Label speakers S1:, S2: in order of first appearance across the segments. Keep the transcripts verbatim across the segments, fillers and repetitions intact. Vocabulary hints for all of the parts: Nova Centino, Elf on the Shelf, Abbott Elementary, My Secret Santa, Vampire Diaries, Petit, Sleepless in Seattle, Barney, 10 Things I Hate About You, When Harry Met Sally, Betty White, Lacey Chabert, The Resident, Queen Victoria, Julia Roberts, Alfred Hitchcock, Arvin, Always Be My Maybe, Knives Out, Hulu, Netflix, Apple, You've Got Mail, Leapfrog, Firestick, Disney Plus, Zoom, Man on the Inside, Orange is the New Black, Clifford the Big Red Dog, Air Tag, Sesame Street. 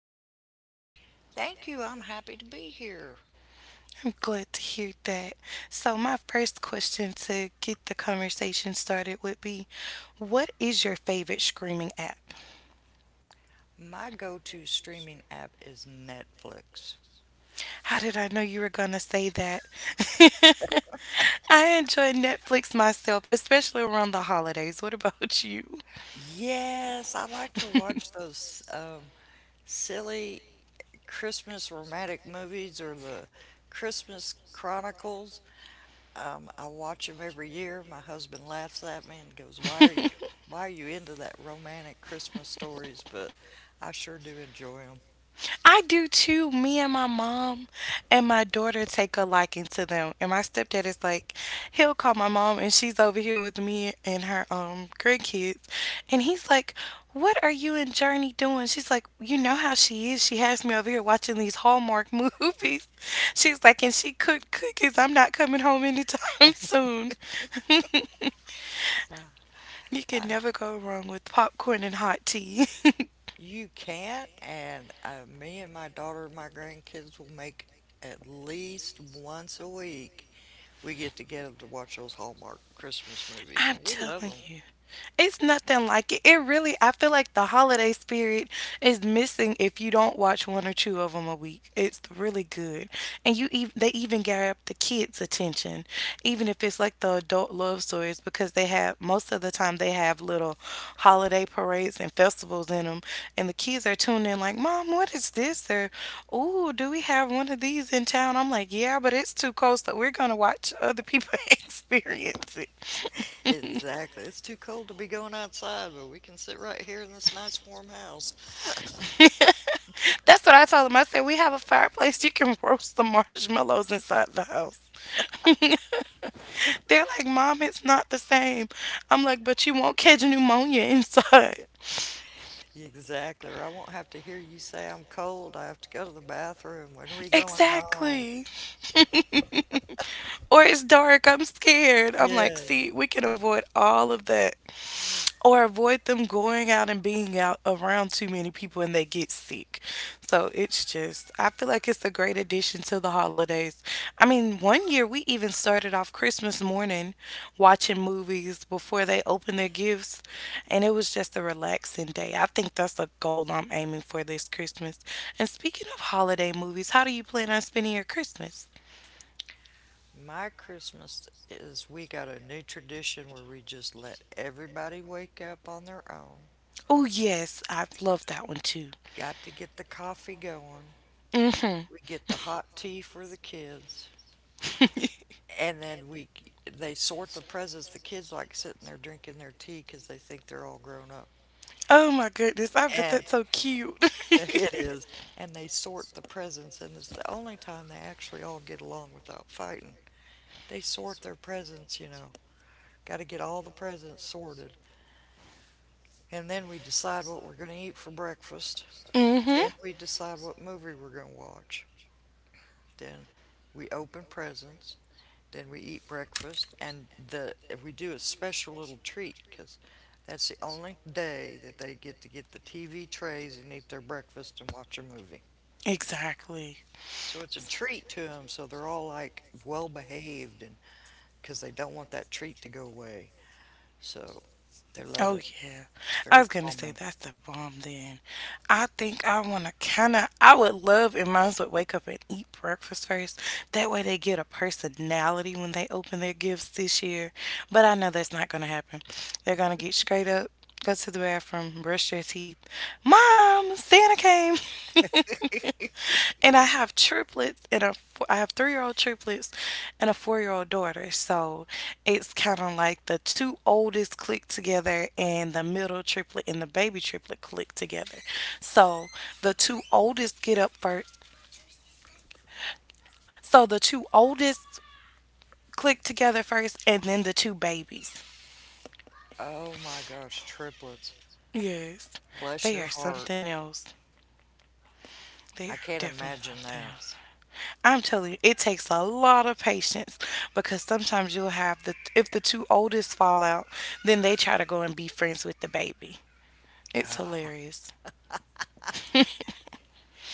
S1: morning.
S2: Thank you. I'm happy to be here.
S1: I'm glad to hear that. So, my first question to get the conversation started would be, what is your favorite screaming app?
S2: My go to streaming app is Netflix.
S1: How did I know you were going to say that? I enjoy Netflix myself, especially around the holidays. What about you?
S2: Yes, I like to watch those um, silly Christmas romantic movies or the Christmas Chronicles. Um, I watch them every year. My husband laughs at me and goes, "Why are you, why are you into that romantic Christmas stories?" But I sure do enjoy 'em.
S1: I do too. Me and my mom and my daughter take a liking to them. And my stepdad is like, he'll call my mom and she's over here with me and her um grandkids. And he's like, "What are you and Journey doing?" She's like, "You know how she is. She has me over here watching these Hallmark movies." She's like, and she cooked cookies. I'm not coming home anytime soon. You can never go wrong with popcorn and hot tea.
S2: You can't, and uh, me and my daughter and my grandkids will make at least once a week we get together to watch those Hallmark Christmas movies,
S1: I'm
S2: and we love
S1: telling
S2: them.
S1: you. It's nothing like it. It really, I feel like the holiday spirit is missing if you don't watch one or two of them a week. It's really good, and you even they even grab the kids' attention, even if it's like the adult love stories, because they have most of the time they have little holiday parades and festivals in them, and the kids are tuned in like, "Mom, what is this?" or "Ooh, do we have one of these in town?" I'm like, "Yeah, but it's too close. That we're gonna watch other people experience it."
S2: Exactly. It's too cold to be going outside, but we can sit right here in this nice warm house.
S1: That's what I told him. I said, "We have a fireplace. You can roast the marshmallows inside the house." They're like, "Mom, it's not the same." I'm like, "But you won't catch pneumonia inside."
S2: Exactly, or I won't have to hear you say I'm cold. I have to go to the bathroom. When are we going home?
S1: Exactly. Or it's dark, I'm scared. I'm like,
S2: Yes.
S1: see, we can avoid all of that. Or avoid them going out and being out around too many people and they get sick. So it's just, I feel like it's a great addition to the holidays. I mean, one year we even started off Christmas morning watching movies before they opened their gifts, and it was just a relaxing day. I think that's a goal I'm aiming for this Christmas. And speaking of holiday movies, how do you plan on spending your Christmas?
S2: My Christmas is we got a new tradition where we just let everybody wake up on their own.
S1: Oh yes, I love that one too.
S2: Got to get the coffee going.
S1: Hmm.
S2: We get the hot tea for the kids. And then we they sort the presents. The kids like sitting there drinking their tea 'cause they think they're all grown up.
S1: Oh my goodness, I bet
S2: And
S1: that's so cute.
S2: it is. And they sort the presents, and it's the only time they actually all get along without fighting. They sort their presents, you know. Got to get all the presents sorted. And then we decide what we're going to eat for breakfast.
S1: Hmm.
S2: Then we decide what movie we're going to watch. Then we open presents. Then we eat breakfast, and the we do a special little treat because that's the only day that they get to get the T V trays and eat their breakfast and watch a movie.
S1: Exactly.
S2: So it's a treat to them. So they're all like well behaved, and because they don't want that treat to go away. So they love
S1: Oh
S2: it.
S1: yeah.
S2: It's
S1: I
S2: very
S1: was gonna say
S2: calming.
S1: that's the bomb then. I think I wanna kinda I would love if mine would wake up and eat breakfast first. That way they get a personality when they open their gifts this year. But I know that's not gonna happen. They're gonna get straight up, go to the bathroom, brush their teeth. Mom, Santa came. And I have triplets and a f- I have three-year old triplets and a four-year old daughter. So it's kind of like the two oldest click together and the middle triplet and the baby triplet click together. So the two oldest get up first. So the two oldest click together first and then the two babies.
S2: Oh my gosh, triplets.
S1: Yes,
S2: Bless
S1: they
S2: your
S1: are
S2: heart.
S1: something else. They are
S2: I can't
S1: definitely
S2: imagine
S1: something
S2: that.
S1: else. I'm telling you, it takes a lot of patience because sometimes you'll have the if the two oldest fall out, then they try to go and be friends with the baby. It's hilarious.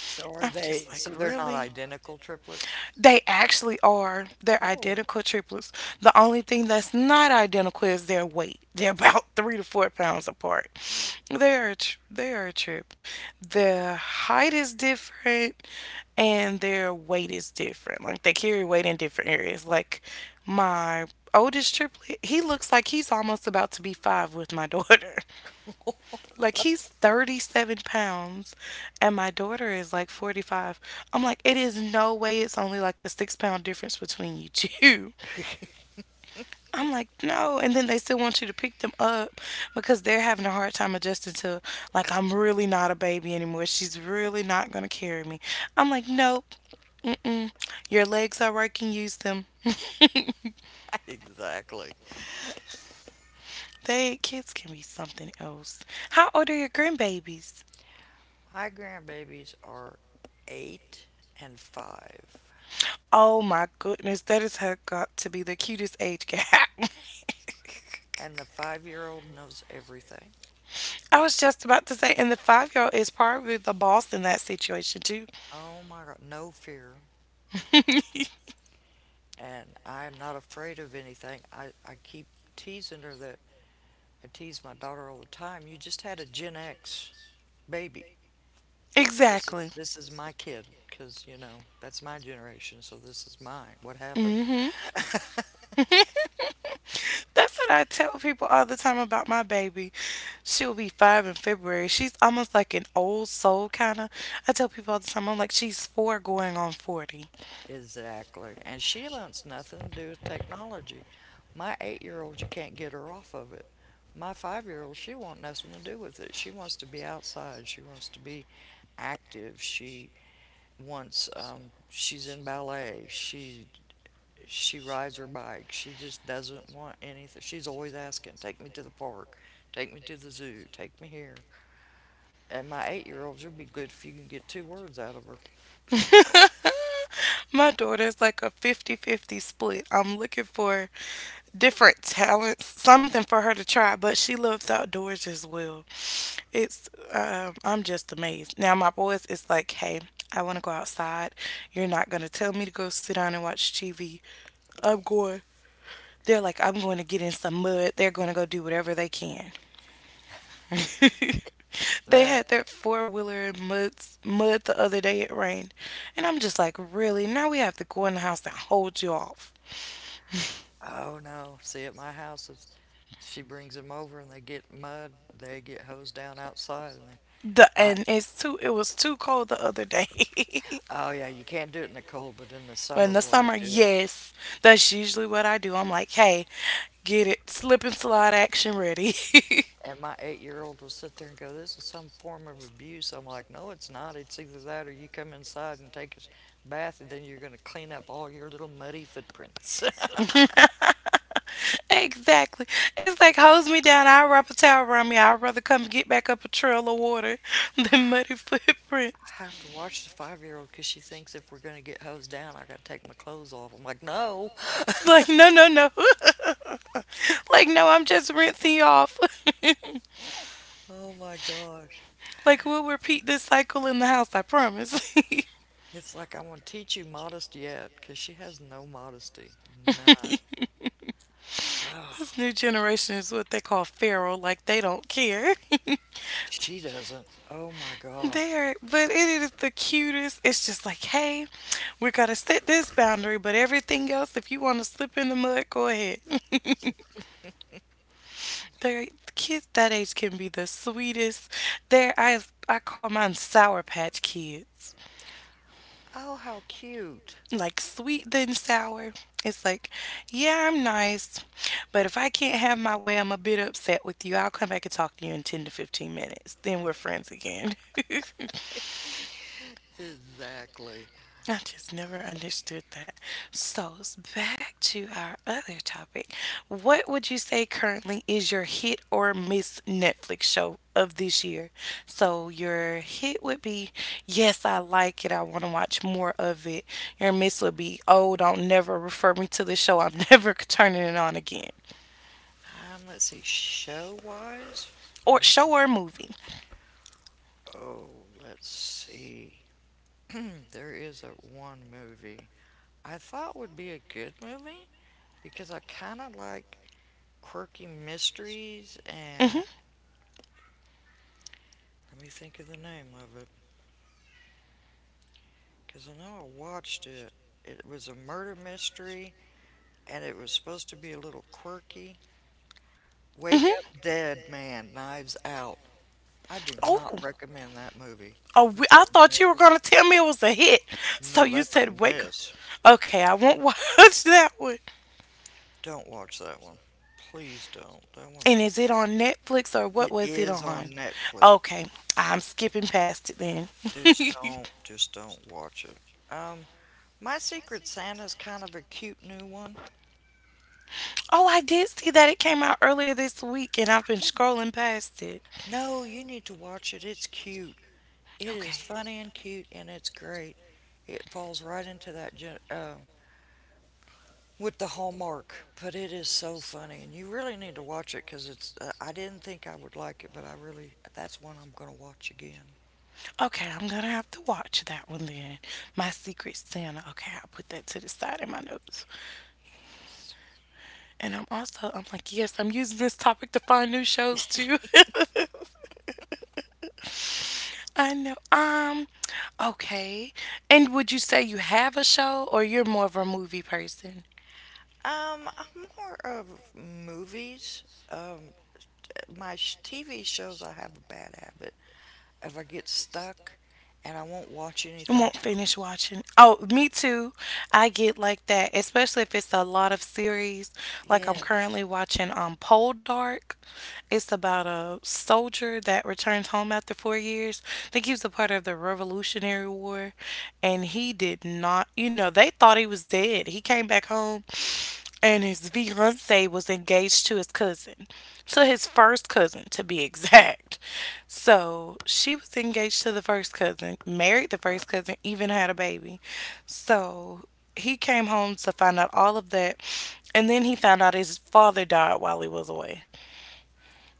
S2: So are
S1: I'm
S2: they,
S1: just
S2: so
S1: like,
S2: they're not
S1: really?
S2: identical triplets?
S1: They actually are. They're
S2: Oh,
S1: identical triplets. The only thing that's not identical is their weight. They're about three to four pounds apart. They are a tr- they are a trip. Their height is different, and their weight is different. Like they carry weight in different areas. Like my oldest triplet, he looks like he's almost about to be five with my daughter. Like he's thirty-seven pounds and my daughter is like forty-five. I'm like, it is no way it's only like a six-pound difference between you two. I'm like, no. And then they still want you to pick them up because they're having a hard time adjusting to, like, I'm really not a baby anymore. She's really not going to carry me. I'm like, nope. Mm-mm. Your legs are working. Use them.
S2: exactly.
S1: They kids can be something else. How old are your grandbabies?
S2: My grandbabies are eight and five,
S1: Oh my goodness, that is has got to be the cutest age gap.
S2: and the five year old knows everything.
S1: I was just about to say, and the five-year old is probably the boss in that situation too.
S2: Oh my God, no fear. And I'm not afraid of anything. I, I keep teasing her that I tease my daughter all the time. You just had a Gen X baby. This is
S1: Exactly.
S2: this is my kid because you know that's my generation, so this is mine. What happened?
S1: Hmm. That's what I tell people all the time about my baby. She'll be five in February. She's almost like an old soul kind of. I tell people all the time, I'm like, she's four going on forty.
S2: Exactly. And she wants nothing to do with technology. My eight year old, you can't get her off of it. My five year old, she want nothing to do with it. She wants to be outside. She wants to be active. She wants. Um, she's in ballet. She she rides her bike. She just doesn't want anything. She's always asking, "Take me to the park. Take me to the zoo. Take me here." And my eight year old, she'll be good if you can get two words out of her.
S1: My daughter's like a fifty-fifty split. I'm looking for different talents, something for her to try, but she loves outdoors as well. It's, um, I'm just amazed. Now, my boys is like, hey, I want to go outside. You're not going to tell me to go sit down and watch T V. I'm going. They're like, I'm going to get in some mud. They're going to go do whatever they can. They had
S2: That
S1: their four wheeler in mud, mud the other day. It rained. And I'm just like, really? Now we have to go in the house and hold you off.
S2: oh no. See at my house, it's, she brings them over and they get mud. They get hosed down outside, and they,
S1: The
S2: my.
S1: and it's too it was too cold the other day.
S2: Oh yeah, you can't do it in the cold, but in the
S1: But in
S2: summer,
S1: the
S2: boy, I
S1: summer,
S2: do it.
S1: yes. That's usually what I do. I'm like, hey, get it slip and slide action ready.
S2: And my eight-year-old will sit there and go, "This is some form of abuse." I'm like, "No, it's not. It's either that or you come inside and take a sh- bath, and then you're going to clean up all your little muddy footprints."
S1: Exactly. It's like hose me down. I'll wrap a towel around me. I'd rather come get back up a trail of water than muddy footprints.
S2: I have to watch the five-year-old because she thinks if we're going to get hosed down, I got to take my clothes off. I'm like, "No."
S1: Like, no, no, no. Like, no, I'm just rinsing you off.
S2: Oh my gosh.
S1: Like, we'll repeat this cycle in the house, I promise.
S2: It's like I'm going to teach you modest yet because she has no modesty. None.
S1: This
S2: Oh,
S1: new generation is what they call feral, like, they don't care.
S2: she doesn't. Oh my gosh.
S1: There, but it is the cutest. It's just like, hey, we're gonna set this boundary, but everything else, if you want to slip in the mud, go ahead. Their kids that age can be the sweetest. There, I I call mine Sour Patch Kids.
S2: Oh, how cute.
S1: Like sweet then sour. It's like, yeah, I'm nice, but if I can't have my way, I'm a bit upset with you. I'll come back and talk to you in ten to fifteen minutes. Then we're friends again.
S2: Exactly.
S1: I just never understood that. So, s- back to our other topic. What would you say currently is your hit or miss Netflix show of this year? So, your hit would be, yes, I like it. I want to watch more of it. Your miss would be, oh, don't never refer me to this show. I'm never turning it on again.
S2: Um, let's see. Show wise,
S1: Or show or movie.
S2: oh, let's see. There is a one movie I thought would be a good movie because I kind of like quirky mysteries
S1: Hmm.
S2: and let me think of the name of it because I know I watched it. It was a murder mystery and it was supposed to be a little quirky. Wake Up
S1: Hmm.
S2: Dead Man, Knives Out. I do
S1: Oh.
S2: not recommend that movie.
S1: Oh,
S2: I
S1: we, I
S2: will
S1: thought you were
S2: never
S1: gonna tell me it was a hit. So
S2: No,
S1: you
S2: that's a
S1: said wake.
S2: mess.
S1: Okay, I won't watch that one.
S2: Don't watch that one. Please don't. That one's
S1: And is it on Netflix or what
S2: it
S1: was it
S2: is
S1: on?
S2: on Netflix.
S1: Okay, I'm skipping past it then.
S2: Just don't just don't watch it. Um, My Secret Santa's kind of a cute new one.
S1: Oh, I did see that it came out earlier this week and I've been scrolling past it.
S2: No, you need to watch it. It's cute. It
S1: Okay.
S2: is funny and cute and it's great. It falls right into that gen- uh, with the Hallmark, but it is so funny and you really need to watch it because it's uh, I didn't think I would like it, but I really that's one I'm going to watch again.
S1: Okay, I'm gonna have to watch that one then. My Secret Santa. Okay, I'll put that to the side in my notes.
S2: Yes.
S1: And I'm also, I'm like, yes, I'm using this topic to find new shows too. I know. Um, okay. And would you say you have a show or you're more of a movie person?
S2: Um, I'm more of movies. Um, my sh- T V shows, I have a bad habit if I get stuck and I won't watch
S1: I
S2: anything
S1: won't finish
S2: else.
S1: watching. Oh, me too. I get like that, especially if it's a lot of series. Like I'm
S2: Yes.
S1: currently watching um Pole Dark. It's about a soldier that returns home after four years. I think he was a part of the Revolutionary War, and he did not. You know, they thought he was dead. He came back home, and his fiance was engaged to his cousin, so his first cousin to be exact. So she was engaged to the first cousin, married the first cousin, even had a baby. So he came home to find out all of that. And then he found out his father died while he was away.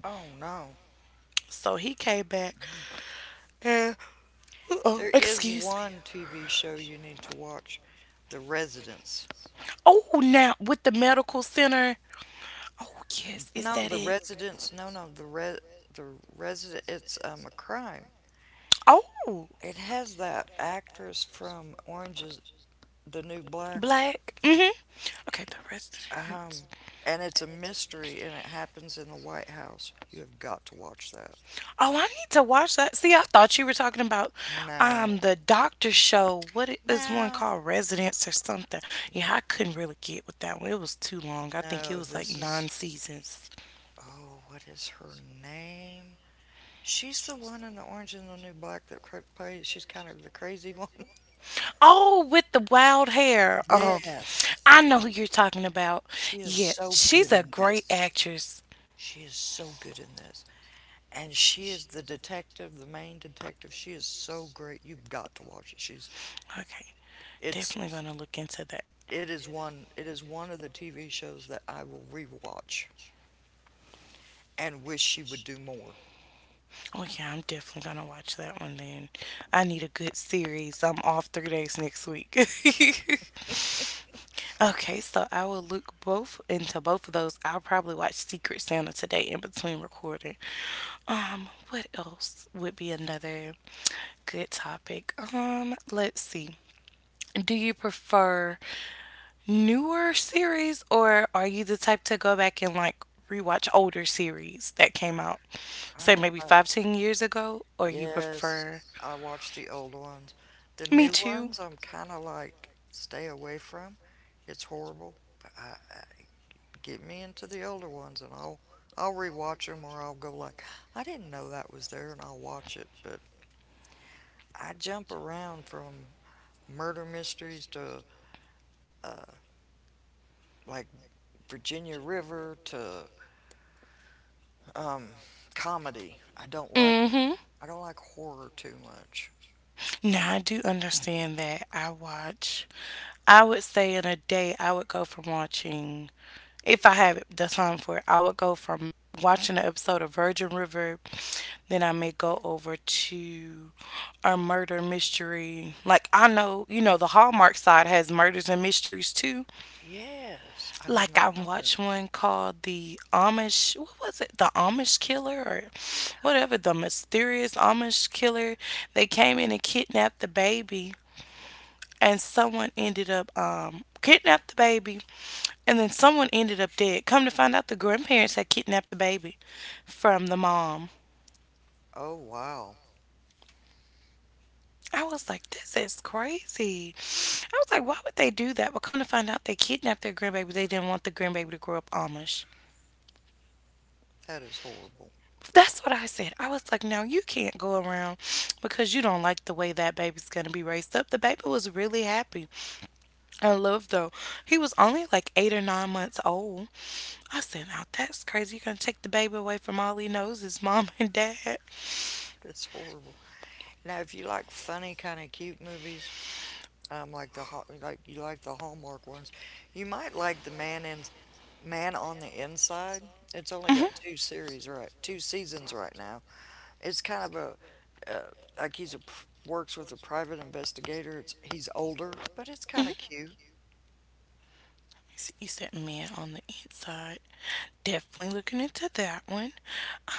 S2: Oh no.
S1: So he came back and, oh,
S2: There is
S1: excuse me.
S2: one T V show you need to watch, The Residence.
S1: Oh, now with the medical center. Oh, yes, is
S2: No,
S1: that
S2: The
S1: it?
S2: Residence. No, no, the re the resident. It's um a crime.
S1: Oh,
S2: It has that actress from Orange is the New Black.
S1: black. Mm hmm. Okay, the rest. of it.
S2: Um, and it's a mystery, and it happens in the White House. You have got to watch that.
S1: Oh, I need to watch that. See, I thought you were talking about um
S2: No,
S1: the doctor show. What i- is one
S2: no,
S1: called Residence or something?
S2: yeah,
S1: Yeah, I couldn't really get with that one. It was too long. I think it
S2: no.
S1: was like
S2: This
S1: nine
S2: is
S1: seasons.
S2: oh, what is her name? She's the one in the Orange and the New Black that cra- plays. She's kind of the crazy one.
S1: Oh, with the wild hair. Um,
S2: Yes,
S1: I know who you're talking about.
S2: she is
S1: Yeah,
S2: so
S1: she's
S2: good
S1: a
S2: in
S1: great
S2: this.
S1: actress.
S2: She is so good in this, and she is the detective, the main detective. She is so great. You've got to watch it. She's
S1: Okay.
S2: it's
S1: Definitely gonna look into that.
S2: it is one it is one of the T V shows that I will rewatch and wish she would do more.
S1: Oh yeah, I'm definitely gonna watch that one then. I need a good series. I'm off three days next week. Okay, so I will look both into both of those. I'll probably watch Secret Santa today in between recording. Um, what else would be another good topic? Um, let's see. Do you prefer newer series, or are you the type to go back and like rewatch older series that came out,
S2: I'm
S1: say
S2: not
S1: maybe
S2: tired.
S1: five, ten years ago? Or you prefer
S2: Yes, I watch the old ones. The
S1: Me
S2: new
S1: Too?
S2: ones I'm kind of like stay away from. It's horrible. But I, I get me into the older ones and I'll I'll rewatch them or I'll go like I didn't know that was there and I'll watch it. But I jump around from murder mysteries to like Virginia River to Um, comedy. I don't like
S1: Mm-hmm.
S2: I don't like horror too much.
S1: Now I do understand that. I watch I would say in a day, I would go from watching, if I have the time for it, I would go from watching an episode of Virgin River, then I may go over to a murder mystery. Like, I know, you know, the Hallmark side has murders and mysteries too.
S2: Yes. I did
S1: Like, I
S2: not know that.
S1: watched one called The Amish, what was it? The Amish Killer or whatever, The Mysterious Amish Killer. They came in and kidnapped the baby and someone ended up um kidnapped the baby and then someone ended up dead. Come to find out, the grandparents had kidnapped the baby from the mom.
S2: Oh wow,
S1: I was like, this is crazy. I was like, why would they do that? But come to find out, they kidnapped their grandbaby. They didn't want the grandbaby to grow up Amish.
S2: that is horrible.
S1: That's what I said. I was like, now you can't go around because you don't like the way that baby's going to be raised up. The baby was really happy. I love, though. He was only like eight or nine months old. I said, now that's crazy. You're going to take the baby away from all he knows, his mom and dad.
S2: That's horrible. Now, if you like funny kind of cute movies, um, like the Hall- like you like the Hallmark ones, you might like the Man in Man on the Inside. It's only
S1: Hmm.
S2: got two series right, two seasons right now. It's kind of a uh, like he's a pr- works with a private investigator. It's he's older, but it's kind of cute.
S1: See, you said Man on the Inside. Definitely looking into that one.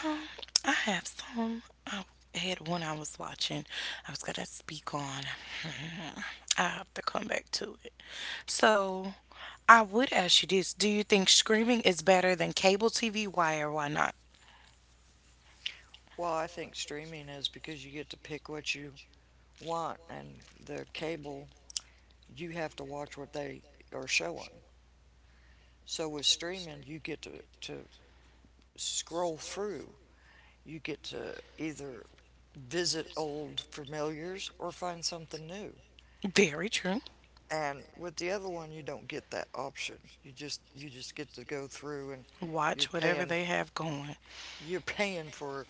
S1: Um, I have some. I had one I was watching. I was gonna speak on. Hmm, I have to come back to it. So I would ask you this: do you think streaming is better than cable T V? Why or why not?
S2: Well, I think streaming is because you get to pick what you want, and the cable, you have to watch what they are showing. So with streaming, you get to, to scroll through. You get to either visit old familiars or find something new.
S1: Very true.
S2: And with the other one, you don't get that option. You just you just get to go through, and you're
S1: Watch whatever
S2: paying
S1: they have going.
S2: you're paying for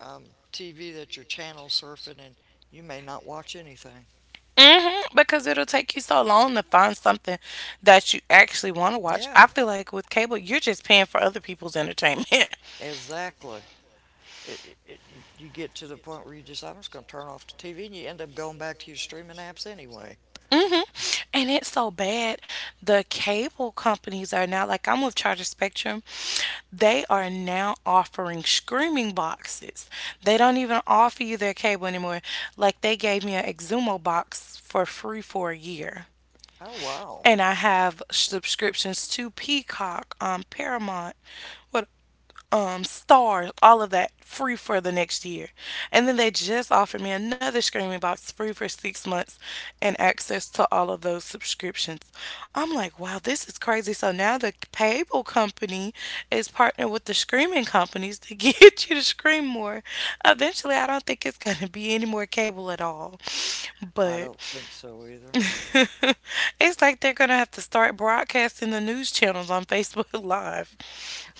S2: um, T V that you're channel surfing, and you may not watch anything.
S1: Hmm, because it'll take you so long to find something that you actually want to watch.
S2: Yeah,
S1: I feel like with cable, you're just paying for other people's entertainment.
S2: exactly. it, it, you get to the point where you just, I'm just going to turn off the T V and you end up going back to your streaming apps anyway.
S1: Hmm. And it's so bad. The cable companies are now, like I'm with Charter Spectrum, they are now offering streaming boxes. They don't even offer you their cable anymore. Like they gave me an Exumo box for free for a year.
S2: Oh, wow.
S1: And I have subscriptions to Peacock, um, Paramount. What um, Stars, all of that free for the next year. And then they just offered me another streaming box free for six months and access to all of those subscriptions. I'm like, wow, this is crazy. So now the cable company is partnered with the streaming companies to get you to stream more. Eventually, I don't think it's going to be any more cable at all.
S2: I
S1: But
S2: don't think so either.
S1: it's like they're going to have to start broadcasting the news channels on Facebook Live.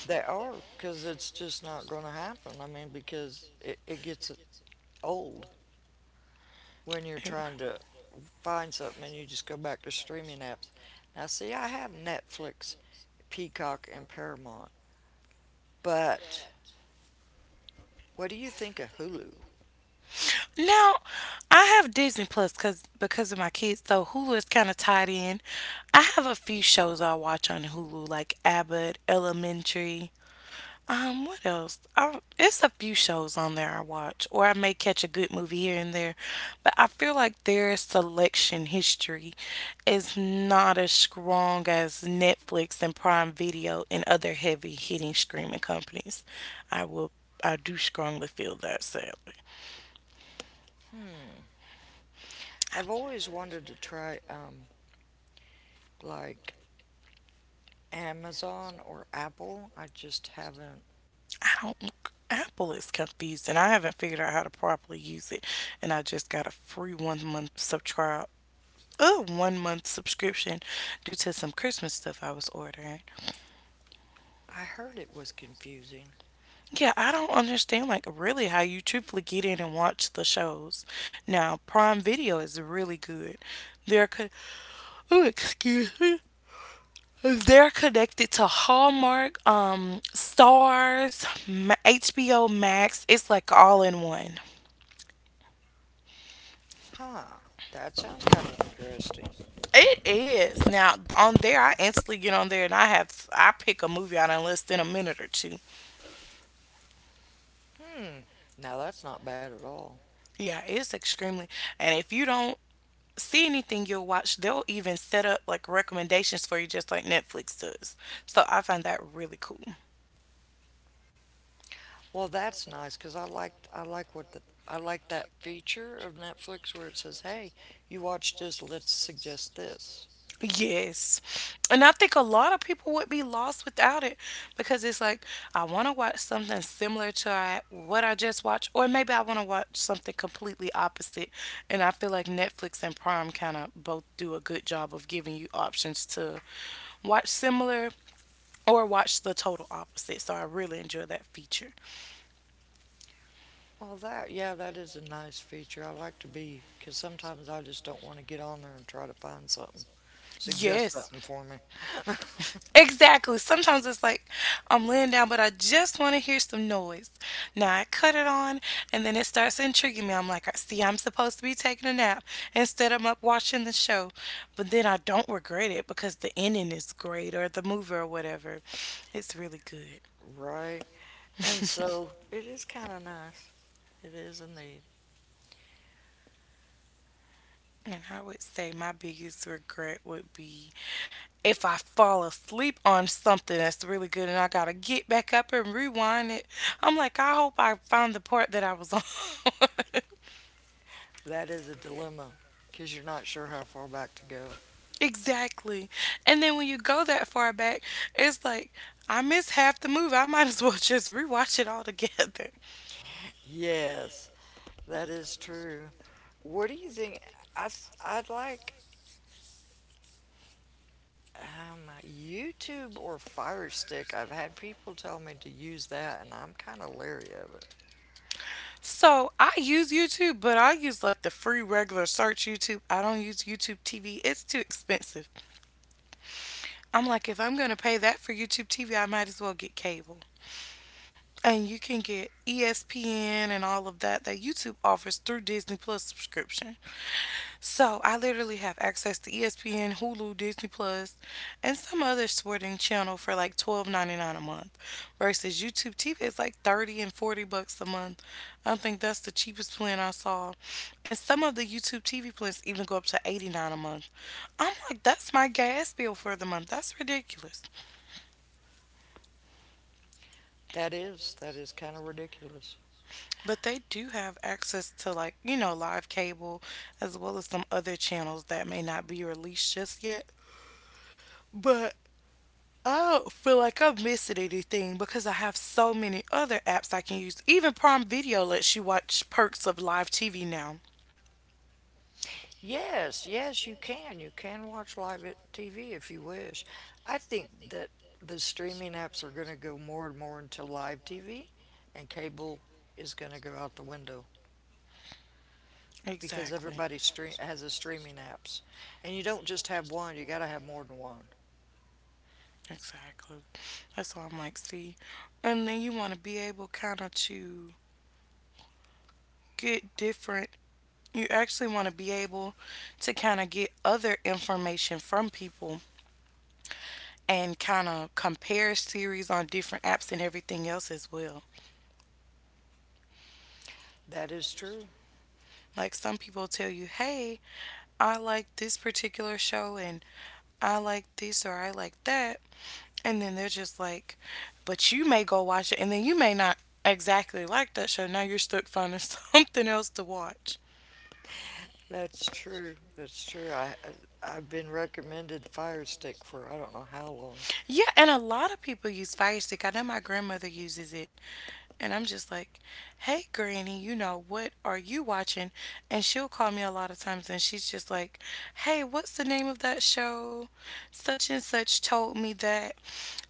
S2: They are because it's just not going to happen. I mean, because it, it gets old when you're
S1: Ew.
S2: trying to find something and you just go back to streaming apps. Now, see, I have Netflix, Peacock, and Paramount, but what do you think of Hulu?
S1: Now, I have Disney Plus cause, because of my kids, so Hulu is kind of tied in. I have a few shows I watch on Hulu, like Abbott, Elementary. Um, what else? I, it's a few shows on there I watch, or I may catch a good movie here and there. But I feel like their selection history is not as strong as Netflix and Prime Video and other heavy hitting streaming companies. I will, I do strongly feel that, sadly.
S2: I've always wanted to try, um, like, Amazon or Apple. I just haven't.
S1: I don't. Apple is confused, and I haven't figured out how to properly use it. And I just got a free one month subscribe. Oh, one month subscription due to some Christmas stuff I was ordering.
S2: I heard it was confusing.
S1: Yeah, I don't understand like really how you truthfully get in and watch the shows. Now, Prime Video is really good. They're co- oh, excuse me. They're connected to Hallmark, um, Stars, Ma- H B O Max. It's like all in one.
S2: Huh. That sounds kind of interesting.
S1: It is. Now on there I instantly get on there and I have I pick a movie out in less than a minute or two.
S2: Hmm. Now that's not bad at all.
S1: Yeah, it's extremely, and if you don't see anything you'll watch, they'll even set up like recommendations for you just like Netflix does. So I find that really cool.
S2: Well, that's nice because I liked I like what the I like that feature of Netflix where it says, "Hey, you watched this. Let's suggest this."
S1: Yes. And I think a lot of people would be lost without it because it's like, I want to watch something similar to I, what I just watched, or maybe I want to watch something completely opposite. And I feel like Netflix and Prime kind of both do a good job of giving you options to watch similar or watch the total opposite. So I really enjoy that feature.
S2: Well, that yeah, that is a nice feature. I like to be because sometimes I just don't want to get on there and try to find something, suggest
S1: Yes.
S2: something for me.
S1: Exactly. Sometimes it's like I'm laying down, but I just want to hear some noise. Now I cut it on, and then it starts intriguing me. I'm like, "I see, I'm supposed to be taking a nap instead. I'm up watching the show, but then I don't regret it because the ending is great or the movie or whatever. It's really good.
S2: Right. And so it is kind of nice. It is indeed.
S1: And I would say my biggest regret would be if I fall asleep on something that's really good and I gotta get back up and rewind it. I'm like, I hope I found the part that I was on.
S2: That is a dilemma because you're not sure how far back to go.
S1: Exactly. And then when you go that far back, it's like I missed half the movie. I might as well just rewatch it all together.
S2: Yes, that is true. What do you think? I I'd like um, YouTube or Fire Stick. I've had people tell me to use that, and I'm kind of leery of it.
S1: So I use YouTube, but I use like the free regular search YouTube. I don't use YouTube T V. It's too expensive. I'm like, if I'm gonna pay that for YouTube T V, I might as well get cable. And you can get E S P N and all of that that YouTube offers through Disney Plus subscription. So I literally have access to E S P N, Hulu, Disney Plus, and some other sporting channel for like twelve ninety nine a month, versus YouTube T V is like thirty and forty bucks a month. I think that's the cheapest plan I saw, and some of the YouTube T V plans even go up to eighty nine a month. I'm like, that's my gas bill for the month. That's ridiculous.
S2: That is that is kind of ridiculous.
S1: But they do have access to like you know live cable, as well as some other channels that may not be released just yet. But I don't feel like I'm missing anything because I have so many other apps I can use. Even Prime Video lets you watch perks of live T V now.
S2: Yes, yes, you can. You can watch live at T V if you wish. I think that the streaming apps are going to go more and more into live T V, and cable is going to go out the window because
S1: Exactly.
S2: everybody stream has a streaming apps, and you don't just have one. You got to have more than one.
S1: Exactly. That's why I'm like, see. And then you want to be able kind of to get different, you actually want to be able to kind of get other information from people and kind of compare series on different apps and everything else as well.
S2: That is true.
S1: Like some people tell you, hey, I like this particular show and I like this or I like that. And then they're just like, but you may go watch it and then you may not exactly like that show. Now you're stuck finding something else to watch.
S2: That's true. That's true. I I- I've been recommended Fire Stick for I don't know how long.
S1: Yeah, and a lot of people use Firestick. I know my grandmother uses it. And I'm just like, hey, Granny, you know, what are you watching? And she'll call me a lot of times and she's just like, hey, what's the name of that show? Such and such told me that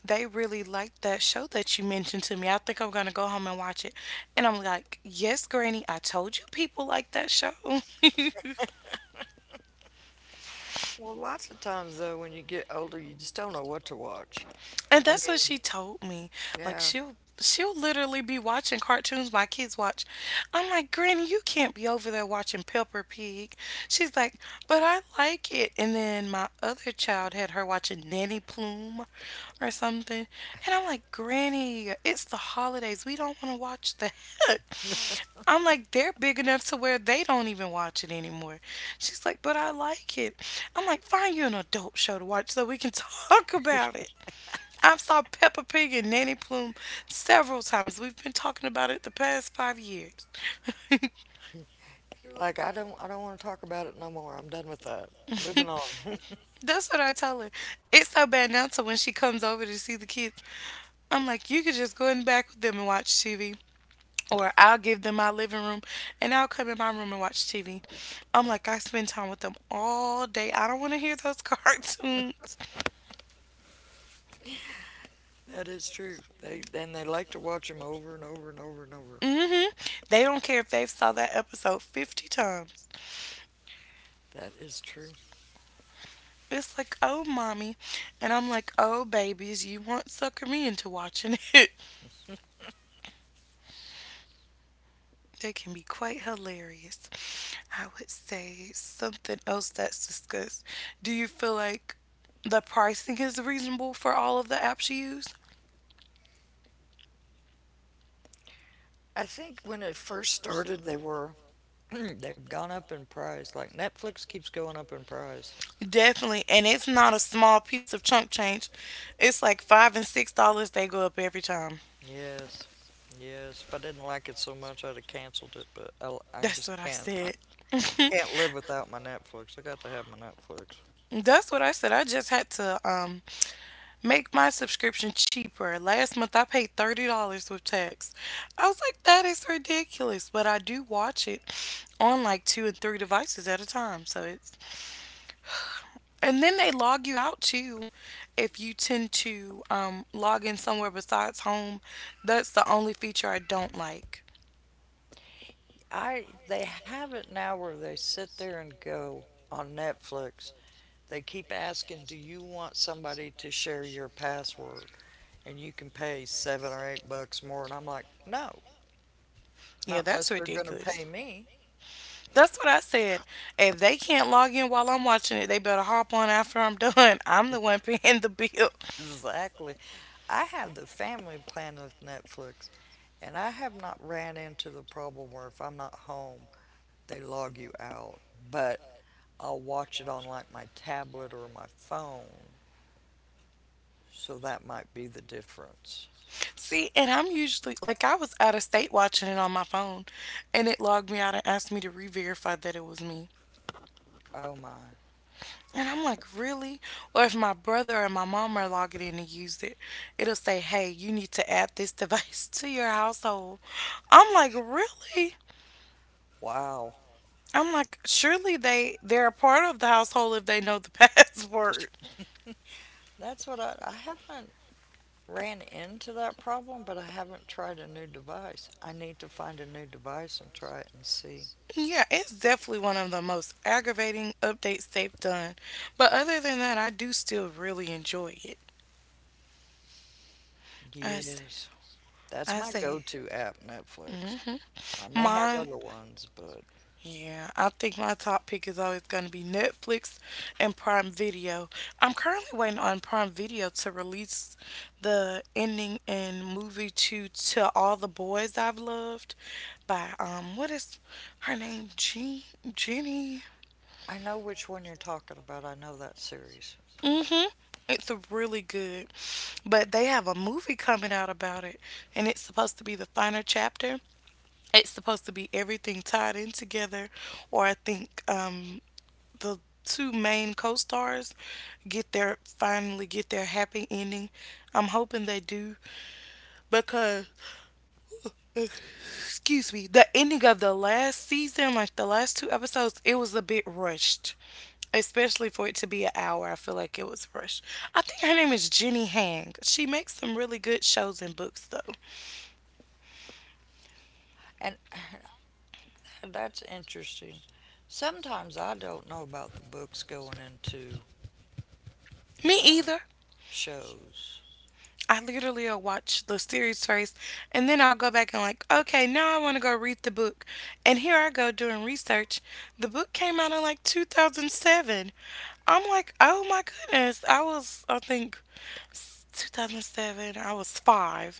S1: they really liked that show that you mentioned to me. I think I'm gonna go home and watch it. And I'm like, yes, Granny, I told you people like that show. And
S2: Well, lots of times though, when you get older, you just don't know what to watch. I
S1: that's
S2: mean,
S1: what she told me. Like
S2: yeah,
S1: she'll she'll literally be watching cartoons my kids watch. I'm like, Granny, you can't be over there watching Peppa Pig. She's like, but I like it. And then my other child had her watching Nanny Plume or something. And I'm like, Granny, it's the holidays. We don't want to watch that. I'm like, they're big enough to where they don't even watch it anymore. She's like, but I like it. I'm like, find you an adult show to watch so we can talk about it. I've saw Peppa Pig and Nanny Plume several times. We've been talking about it the past five years.
S2: You're Like I don't I don't want to talk about it no more. I'm done with that. Moving on.
S1: That's what I tell her. It's so bad now, so when she comes over to see the kids, I'm like, you could just go in the back with them and watch T V, or I'll give them my living room and I'll come in my room and watch T V. I'm like, I spend time with them all day. I don't want to hear those cartoons.
S2: That is true. They and they like to watch them over and over and over and over.
S1: Hmm. They don't care if they've saw that episode fifty times.
S2: That is true.
S1: It's like, oh, mommy. And I'm like, oh, babies, you want sucker me into watching it. They can be quite hilarious. I would say something else that's discussed. Do you feel like the pricing is reasonable for all of the apps you use?
S2: I think when it first started they were they've gone up in price. Like Netflix keeps going up in price.
S1: Definitely, and it's not a small piece of chunk change. It's like five and six dollars. They go up every time.
S2: Yes. Yes. If I didn't like it so much I'd have canceled it, but I, I
S1: That's
S2: just
S1: what I
S2: can't.
S1: said.
S2: I can't live without my Netflix. I got to have my Netflix.
S1: That's what I said. I just had to um make my subscription cheaper. Last month I paid thirty dollars with tax. I was like, that is ridiculous. But I do watch it on like two and three devices at a time, so it's... And then they log you out too. If you tend to um, log in somewhere besides home, that's the only feature I don't like.
S2: I they have it now where they sit there and go on Netflix. They keep asking, do you want somebody to share your password? And you can pay seven or eight bucks more. And I'm like, no,
S1: Yeah,
S2: not unless
S1: that's
S2: they're going to
S1: ridiculous.
S2: pay me.
S1: That's what I said. If they can't log in while I'm watching it, they better hop on after I'm done. I'm the one paying the bill.
S2: Exactly. I have the family plan of Netflix, and I have not ran into the problem where if I'm not home, they log you out. But I'll watch it on like my tablet or my phone. So that might be the difference.
S1: See, and I'm usually like, I was out of state watching it on my phone, and it logged me out and asked me to re-verify that it was me.
S2: Oh my.
S1: And I'm like, really? Or if my brother and my mom are logging in and used it, it'll say, hey, you need to add this device to your household. I'm like, really?
S2: Wow.
S1: I'm like, surely they they're a part of the household if they know the password.
S2: That's what I, I haven't ran into that problem, but I haven't tried a new device. I need to find a new device and try it and see.
S1: Yeah, it's definitely one of the most aggravating updates they've done. But other than that, I do still really enjoy it. I s-
S2: Yes, that's
S1: I
S2: my
S1: say,
S2: go-to app, Netflix.
S1: hmm,
S2: I may have
S1: mine.
S2: other ones, but
S1: Yeah, I think my top pick is always going to be Netflix and Prime Video. I'm currently waiting on Prime Video to release the ending and movie to To All the Boys I've Loved by um what is her name? Jean. Jenny.
S2: I know which one you're talking about. I know that series.
S1: Mhm. It's really good. But they have a movie coming out about it, and it's supposed to be the final chapter. It's supposed to be everything tied in together, or I think um the two main co-stars get their finally get their happy ending. I'm hoping they do because, excuse me, the ending of the last season, like the last two episodes, it was a bit rushed. Especially for it to be an hour, I feel like it was rushed. I think her name is Jenny Hang. She makes some really good shows and books, though.
S2: And that's interesting. Sometimes I don't know about the books going into
S1: Me either.
S2: shows.
S1: I literally will watch the series first, and then I'll go back and like, okay, now I want to go read the book. And here I go doing research. The book came out in like two thousand seven. I'm like, oh my goodness. I was, I think, two thousand seven. I was five.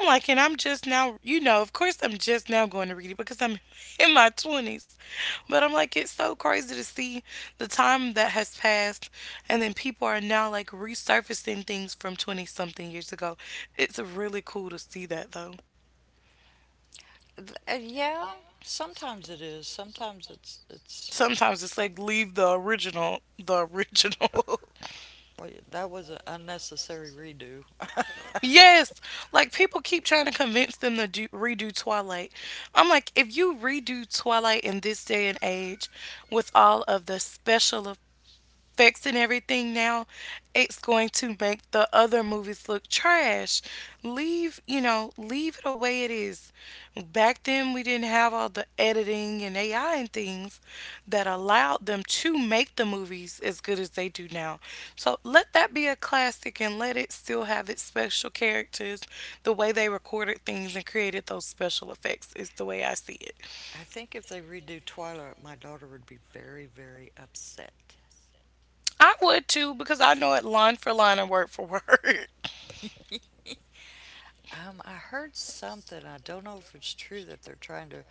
S1: I'm like, and I'm just now, you know, of course I'm just now going to read it because I'm in my twenties. But I'm like, it's so crazy to see the time that has passed, and then people are now like resurfacing things from twenty something years ago. It's really cool to see that though.
S2: Th- uh, yeah, sometimes it is. Sometimes it's it's
S1: Sometimes it's like, leave the original, the original.
S2: well, that was an unnecessary redo.
S1: Yes, like people keep trying to convince them to do, redo Twilight. I'm like, if you redo Twilight in this day and age with all of the special effects and everything now, it's going to make the other movies look trash. Leave, you know, leave it the way it is. Back then, we didn't have all the editing and A I and things that allowed them to make the movies as good as they do now. So let that be a classic and let it still have its special characters. The way they recorded things and created those special effects is the way I see it.
S2: I think if they redo Twilight, my daughter would be very, very upset.
S1: I would too, because I know it line for line and word for word.
S2: Um, I heard something, I don't know if it's true, that they're trying to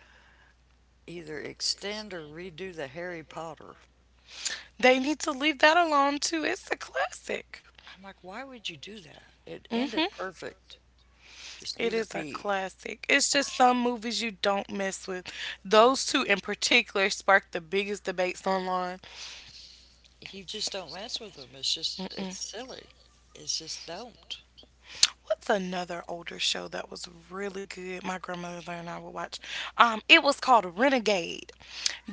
S2: either extend or redo the Harry Potter.
S1: They need to leave that alone too. It's a classic.
S2: I'm like, why would you do that? It ended
S1: Mm-hmm.
S2: perfect. Just
S1: It
S2: leave it
S1: is a
S2: be.
S1: classic. It's just some movies you don't mess with.
S2: Uh,
S1: Those two in particular sparked the biggest debates online.
S2: You just don't mess with them. It's just,
S1: Mm-mm.
S2: it's silly. It's just don't.
S1: What's another older show that was really good? My grandmother and I would watch. Um, it was called Renegade.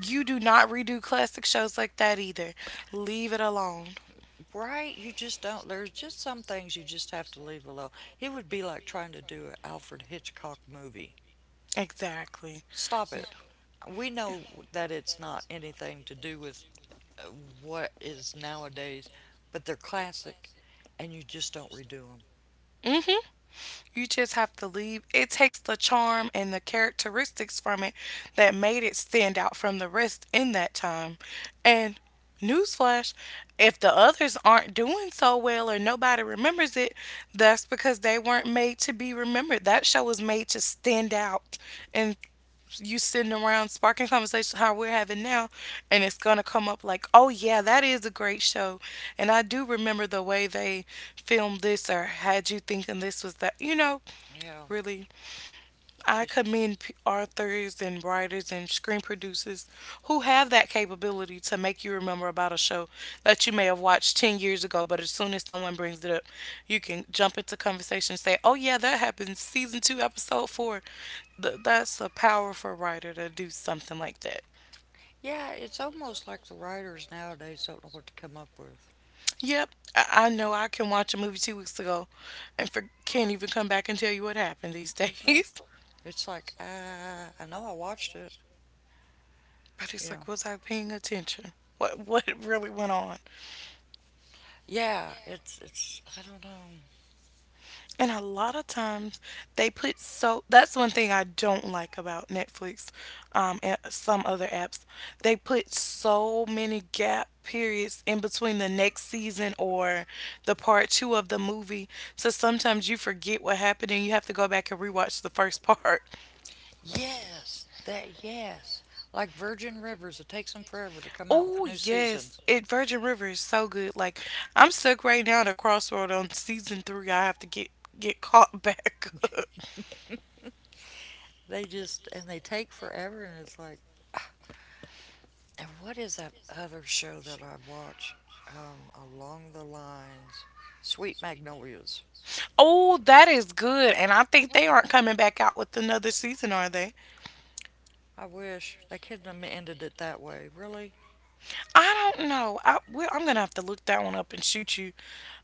S1: You do not redo classic shows like that either. Leave it alone.
S2: Right? You just don't. There's just some things you just have to leave alone. It would be like trying to do an Alfred Hitchcock movie.
S1: Exactly.
S2: Stop
S1: You...
S2: it. We know that it's not anything to do with uh, what is nowadays, but they're classic and you just don't redo them.
S1: hmm. You just have to leave. It takes the charm and the characteristics from it that made it stand out from the rest in that time. And newsflash, if the others aren't doing so well or nobody remembers it, that's because they weren't made to be remembered. That show was made to stand out. And you sitting around sparking conversations how we're having now, and it's going to come up like, oh, yeah, that is a great show. And I do remember the way they filmed this or had you thinking this was that. You know,
S2: Yeah,
S1: really, I
S2: it's just,
S1: commend p- authors and writers and screen producers who have that capability to make you remember about a show that you may have watched ten years ago, but as soon as someone brings it up, you can jump into conversation and say, "Oh, yeah, that happened season two, episode four." Th- that's a powerful writer to do something like that.
S2: yeah, it's almost like the writers nowadays don't know what to come up with.
S1: Yep, I, I know I can watch a movie two weeks ago and for- can't even come back and tell you what happened these days.
S2: Exactly. It's like, uh, I know I watched it,
S1: But
S2: you
S1: it's
S2: know.
S1: like, was I paying attention? What, what really went on?
S2: Yeah, it's, it's, I don't know.
S1: And a lot of times they put so... that's one thing I don't like about Netflix, um, and some other apps. They put so many gap periods in between the next season or the part two of the movie. So sometimes you forget what happened and you have to go back and rewatch the first part.
S2: Yes, that, yes. Like Virgin Rivers, it takes them forever to come out with
S1: Oh
S2: a new season.
S1: yes. It... Virgin River is so good. Like, I'm stuck right now at a crossroad on season three. I have to get get caught back.
S2: They just and they take forever, and it's like. And what is that other show that I watch um, along the lines? Sweet Magnolias.
S1: Oh, that is good. And I think they aren't coming back out with another season, are they?
S2: I wish they couldn't have ended it that way. Really?
S1: I don't know. I, well, I'm gonna have to look that one up and shoot you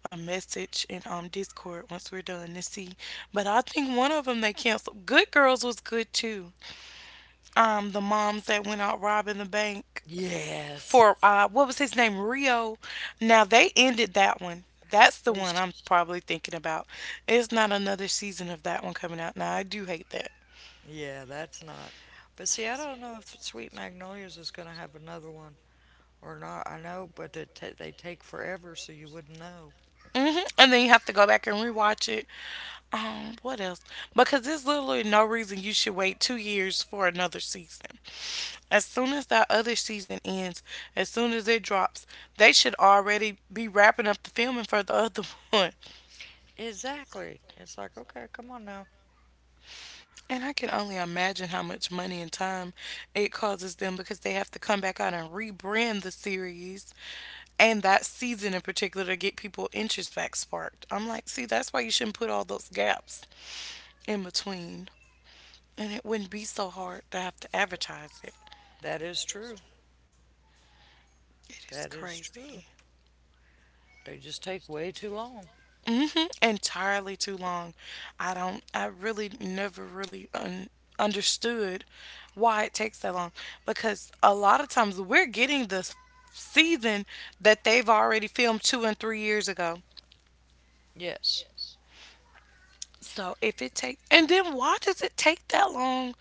S1: a message in um Discord once we're done to see. But I think one of them they canceled. Good Girls was good too. Um, the moms that went out robbing the bank
S2: Yes,
S1: for uh, what was his name, Rio. Now they ended that one. That's the
S2: They
S1: one
S2: sh-
S1: I'm probably thinking about. It's not another season of that one coming out. Now I do hate that.
S2: yeah, that's not. But see, I don't know if Sweet Magnolias is going to have another one or not. I know, but it ta they take forever, so you wouldn't know.
S1: Hmm. And then you have to go back and rewatch it. Um, what else? Because there's literally no reason you should wait two years for another season. As soon as that other season ends, as soon as it drops, they should already be wrapping up the filming for the other one.
S2: Exactly. It's like, okay, come on now.
S1: And I can only imagine how much money and time it causes them, because they have to come back out and rebrand the series and that season in particular to get people interest back sparked. I'm like, see, that's why you shouldn't put all those gaps in between, and it wouldn't be so hard to have to advertise it.
S2: That is true.
S1: It is
S2: That is
S1: crazy.
S2: true. They just take way too long.
S1: Hmm. Entirely too long. I don't, I really never really un- understood why it takes that long, because a lot of times we're getting the s- season that they've already filmed two and three years ago.
S2: Yes,
S1: So if it takes, and then why does it take that long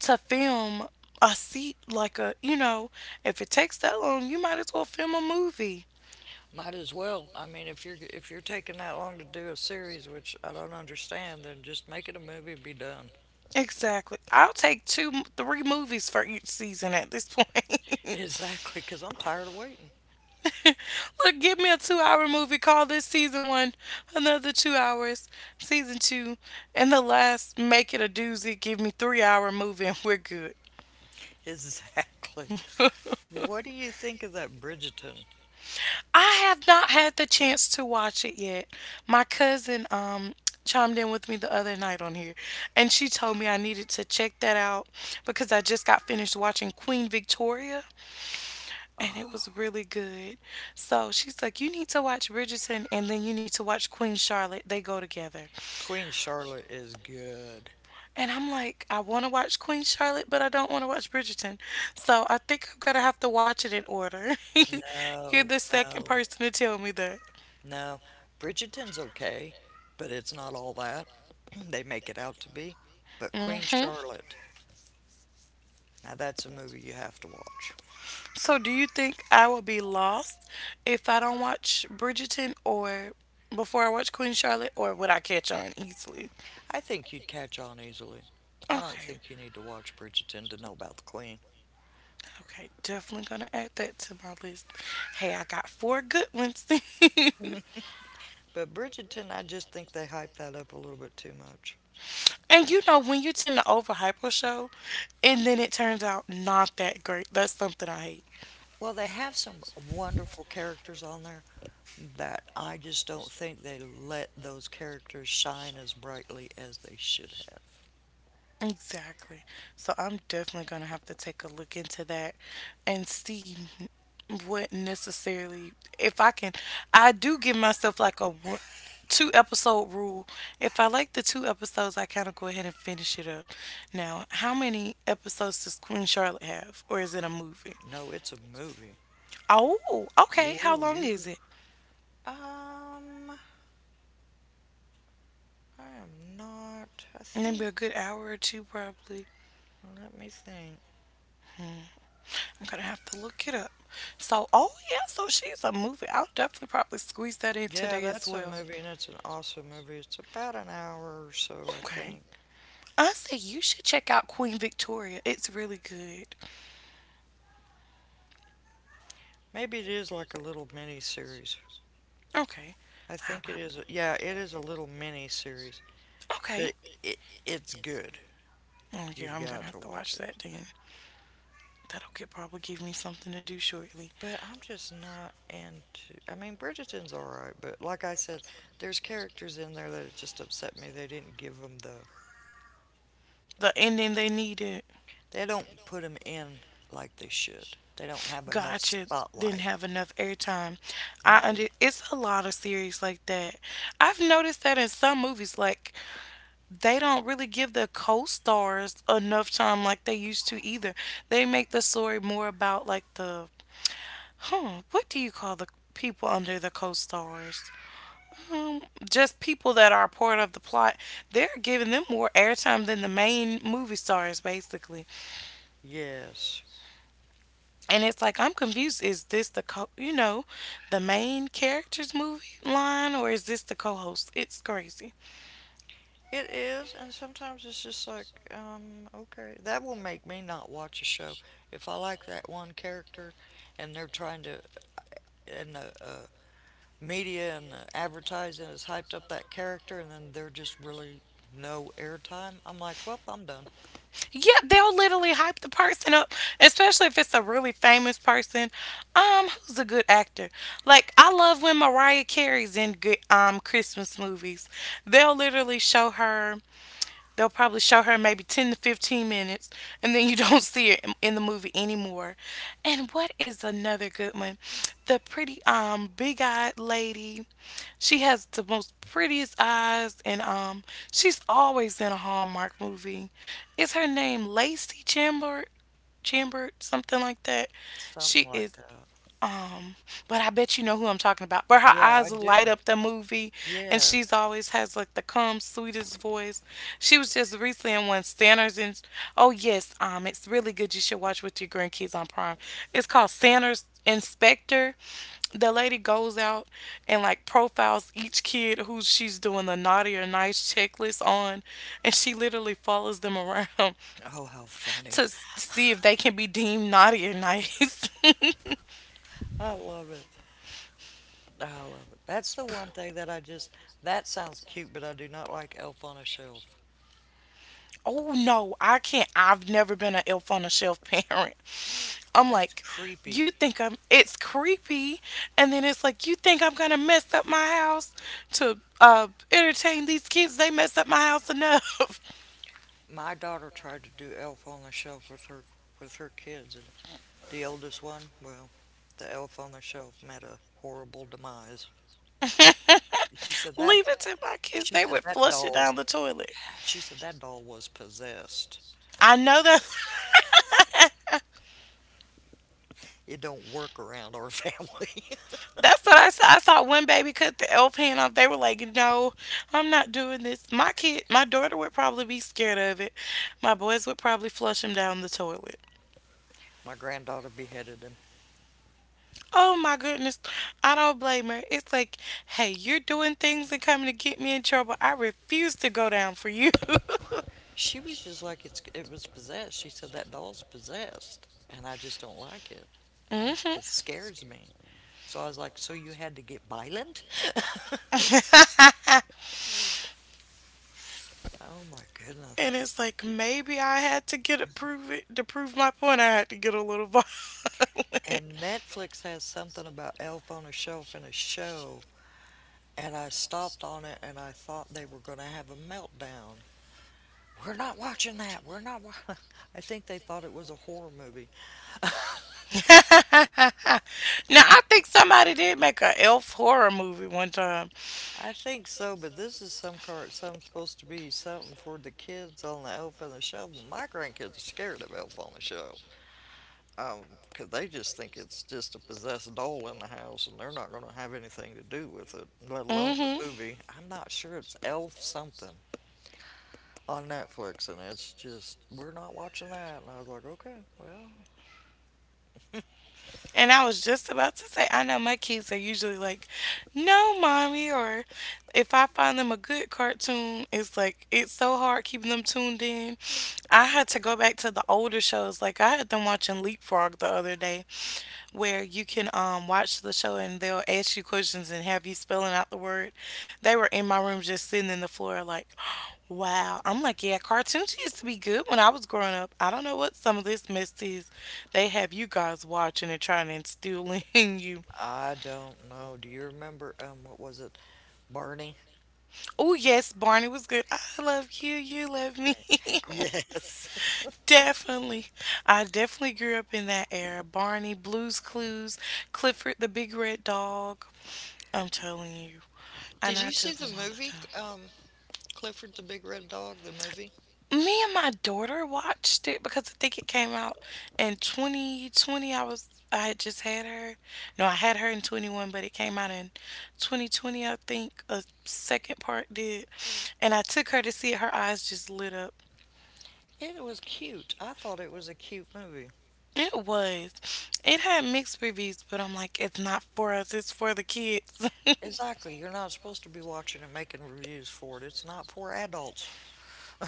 S1: to film a seat like a, you know, if it takes that long, you might as well film a movie.
S2: might as well. I mean, if you're if you're taking that long to do a series, which I don't understand, then just make it a movie and be done.
S1: Exactly. I'll take two, three movies for each season at this point.
S2: Exactly, because I'm tired of waiting.
S1: Look, give me a two hour movie. Call this season one, another two hours. Season two. And the last, make it a doozy. Give me three hour movie and we're good.
S2: Exactly. What do you think of that Bridgerton?
S1: I have not had the chance to watch it yet. My cousin um chimed in with me the other night on here and she told me I needed to check that out because I just got finished watching Queen Victoria and it was really good. So she's like, you need to watch Bridgerton and then you need to watch Queen Charlotte. They go together.
S2: Queen Charlotte is good.
S1: And I'm like, I want to watch Queen Charlotte, but I don't want to watch Bridgerton. So I think I'm going to have to watch it in order. You're
S2: No,
S1: the second
S2: no,
S1: person to tell me that.
S2: no. Bridgerton's okay, but it's not all that they make it out to be. But Queen
S1: Hmm.
S2: Charlotte, now that's a movie you have to watch.
S1: So do you think I will be lost if I don't watch Bridgerton or before I watch Queen Charlotte, or would I catch on easily?
S2: I think you'd catch on easily. I don't
S1: Okay.
S2: think you need to watch Bridgerton to know about the Queen.
S1: Okay, definitely gonna add that to my list. Hey, I got four good ones.
S2: But Bridgerton, I just think they hype that up a little bit too much.
S1: And you know, when you tend to overhype a show and then it turns out not that great, that's something I hate.
S2: Well, they have some wonderful characters on there that I just don't think they let those characters shine as brightly as they should have.
S1: Exactly. So I'm definitely going to have to take a look into that and see what necessarily, if I can, I do give myself like a one- two episode rule. If I like the two episodes, I kind of go ahead and finish it up. Now, how many episodes does Queen Charlotte have? Or is it a movie?
S2: No, it's a movie.
S1: Oh, okay. How
S2: Whoa,
S1: long
S2: you.
S1: is it?
S2: Um, I am not. I
S1: Maybe
S2: think.
S1: a good hour or two, probably.
S2: Let me think.
S1: I'm gonna have to look it up. So, oh yeah, so she's a movie. I'll definitely probably squeeze that in
S2: Yeah,
S1: today as
S2: that's a
S1: well.
S2: movie, and it's an awesome movie. It's about an hour or so, I
S1: Okay.
S2: think.
S1: I say you should check out Queen Victoria. It's really good.
S2: Maybe it is like a little mini series.
S1: Okay.
S2: I
S1: I'll
S2: think it
S1: have to.
S2: is. a- Yeah, it is a little mini series, but
S1: Okay.
S2: it it's good.
S1: Oh
S2: You've
S1: yeah, I'm
S2: got
S1: gonna
S2: to
S1: have to
S2: watch
S1: watch
S2: it.
S1: that then. That'll get, probably give me something to do shortly.
S2: But I'm just not into. I mean, Bridgerton's all right, but like I said, there's characters in there that it just upset me. They didn't give them the.
S1: The ending they needed.
S2: They don't put them in like they should. They don't have enough
S1: Gotcha. Didn't
S2: spotlight.
S1: have enough airtime. I
S2: No.
S1: under it's a lot of series like that. I've noticed that in some movies, like they don't really give the co-stars enough time like they used to either. They make the story more about like the huh, what do you call the people under the co-stars? Um, just people that are part of the plot. They're giving them more airtime than the main movie stars, basically.
S2: Yes.
S1: And it's like I'm confused. Is this the co you know, the main character's movie line, or is this the co-host? It's crazy.
S2: It is, and sometimes it's just like, um, okay, that will make me not watch a show. If I like that one character and they're trying to, and the uh, media and the advertising has hyped up that character and then they're just really no airtime, I'm like, well, I'm done.
S1: Yeah, they'll literally hype the person up, especially if it's a really famous person. Um, who's a good actor? Like I love when Mariah Carey's in good um Christmas movies. They'll literally show her. They'll probably show her maybe ten to fifteen minutes, and then you don't see her in- the movie anymore. And what is another good one? The pretty, um, big eyed lady. She has the most prettiest eyes, and, um, she's always in a Hallmark movie. Is her name Lacey Chamber? Chambord, something like that.
S2: Something
S1: She
S2: like
S1: is,
S2: that.
S1: um, but I bet you know who I'm talking about. But her
S2: Yeah, I
S1: eyes
S2: do.
S1: light up the movie, and
S2: Yes.
S1: she's always has like the calm, sweetest voice. She was just recently in one Sanders and oh yes, um, it's really good. You should watch with your grandkids on Prime. It's called Sanders Inspector. The lady goes out and like profiles each kid who she's doing the naughty or nice checklist on, and she literally follows them around
S2: Oh, how
S1: to
S2: funny.
S1: s- see if they can be deemed naughty or nice.
S2: I love it. I love it. That's the one thing that I just, that sounds cute, but I do not like Elf on a Shelf.
S1: Oh no, I can't. I've never been an elf on a shelf parent. I'm
S2: That's
S1: like,
S2: creepy.
S1: you think I'm, it's creepy. And then it's like, you think I'm going to mess up my house to uh, entertain these kids? They mess up my house enough.
S2: My daughter tried to do Elf on the Shelf with her with her kids, and the oldest one, well, the Elf on the Shelf met a horrible demise. She said that
S1: Leave it to my kids.
S2: she
S1: They
S2: said
S1: would
S2: that
S1: flush it
S2: doll's
S1: down the toilet.
S2: she said that doll was possessed.
S1: I know that.
S2: It don't work around our family.
S1: That's what I saw. I saw one baby cut the elf hand off. They were like, "No, I'm not doing this." My kid, my daughter would probably be scared of it. My boys would probably flush him down the toilet.
S2: My granddaughter beheaded him.
S1: Oh my goodness. I don't blame her. It's like, hey, you're doing things and coming to get me in trouble. I refuse to go down for you.
S2: She was just like it's it was possessed. She said that doll's possessed, and I just don't like it,
S1: hmm
S2: and it scares me. So I was like, so you had to get violent? Oh my
S1: And
S2: goodness.
S1: it's like maybe I had to get it prove it to prove my point. I had to get a little violent.
S2: And Netflix has something about Elf on a Shelf in a show, and I stopped on it and I thought they were going to have a meltdown. We're not watching that. We're not. Wa-. I think they thought it was a horror movie.
S1: Now I think somebody did make an elf horror movie one time.
S2: I think so, but this is some card. Some supposed to be something for the kids on the Elf on the Shelf. Well, my grandkids are scared of Elf on the Shelf, Um, 'cause they just think it's just a possessed doll in the house, and they're not going to have anything to do with it, let alone
S1: Hmm
S2: the movie. I'm not sure it's Elf something on Netflix, and it's just we're not watching that. And I was like, okay, well,
S1: And I was just about to say, I know my kids are usually like, no, mommy, or if I find them a good cartoon, it's like, it's so hard keeping them tuned in. I had to go back to the older shows. Like, I had them watching Leapfrog the other day where you can um, watch the show and they'll ask you questions and have you spelling out the word. They were in my room just sitting in the floor, like, wow. I'm like, yeah, cartoons used to be good when I was growing up. I don't know what some of this mess is. They have you guys watching and trying to instill in you.
S2: I don't know. Do you remember um what was it, Barney?
S1: Oh, yes, Barney was good. I love you. You love me.
S2: Yes.
S1: Definitely. I definitely grew up in that era. Barney, Blues Clues, Clifford the Big Red Dog. I'm telling you.
S2: Did
S1: And I
S2: you see
S1: tell
S2: the
S1: them all the
S2: movie
S1: time.
S2: um Clifford the Big Red Dog? The movie.
S1: Me and my daughter watched it because I think it came out in twenty twenty. I was I had just had her. No, I had her in twenty one, but it came out in twenty twenty. I think a second part did. And I took her to see it. Her eyes just lit up.
S2: It was cute. I thought it was a cute movie.
S1: It was. It had mixed reviews, but I'm like, it's not for us. It's for the kids.
S2: Exactly. You're not supposed to be watching and making reviews for it. It's not for adults.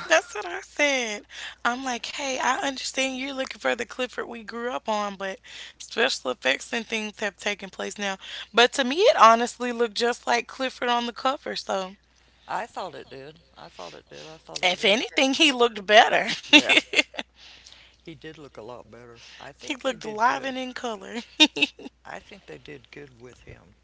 S1: That's what I said. I'm like, hey, I understand you're looking for the Clifford we grew up on, but special effects and things have taken place now. But to me, it honestly looked just like Clifford on the cover. So,
S2: I thought it did. I thought it did. I thought it.
S1: if
S2: They
S1: anything,
S2: kept
S1: he
S2: Clifford.
S1: looked better.
S2: Yeah. He did look a lot better. I
S1: He
S2: think they
S1: looked
S2: did
S1: live
S2: good.
S1: and in color.
S2: I think they did good with him,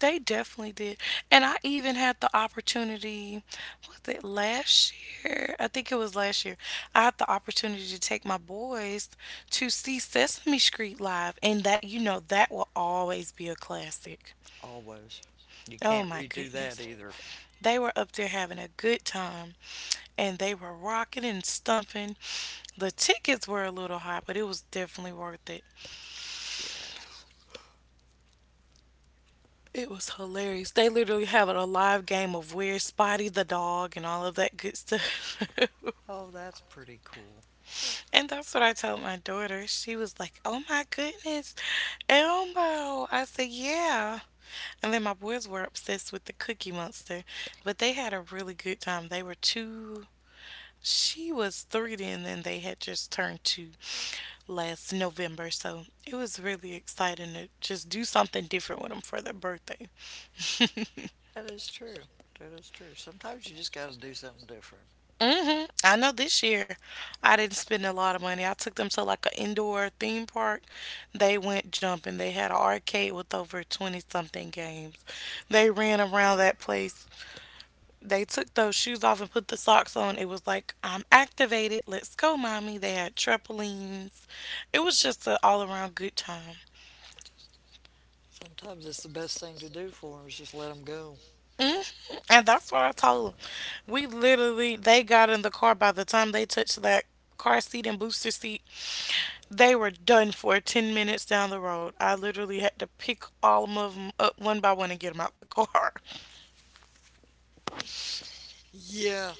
S1: They definitely did. And I even had the opportunity, was it last year? I think it was last year. I had the opportunity to take my boys to see Sesame Street live. And that, you know, that will always be a classic.
S2: always. You
S1: Oh
S2: can't
S1: my
S2: redo that
S1: goodness.
S2: either.
S1: They were up there having a good time and they were rocking and stumping. The tickets were a little high, but it was definitely worth it.
S2: Yes.
S1: It was hilarious. They literally have a live game of where Spotty the dog and all of that good stuff.
S2: Oh, that's pretty cool.
S1: And that's what I told my daughter. She was like, "Oh my goodness, Elmo!" I said, "Yeah." And then my boys were obsessed with the Cookie Monster, but they had a really good time. They were two. She was three then, and they had just turned two last November. So it was really exciting to just do something different with them for their birthday.
S2: That is true. That is true. Sometimes you just got to do something different.
S1: hmm I know this year I didn't spend a lot of money. I took them to like an indoor theme park. They went jumping. They had an arcade with over twenty something games. They ran around that place. They took those shoes off and put the socks on. It was like, I'm activated. Let's go, mommy. They had trampolines. It was just an all around good time.
S2: Sometimes it's the best thing to do for them is just let them go.
S1: Hmm And that's what I told them. We literally, they got in the car by the time they touched that car seat and booster seat. They were done for ten minutes down the road. I literally had to pick all of them up one by one and get them out the car.
S2: Yeah.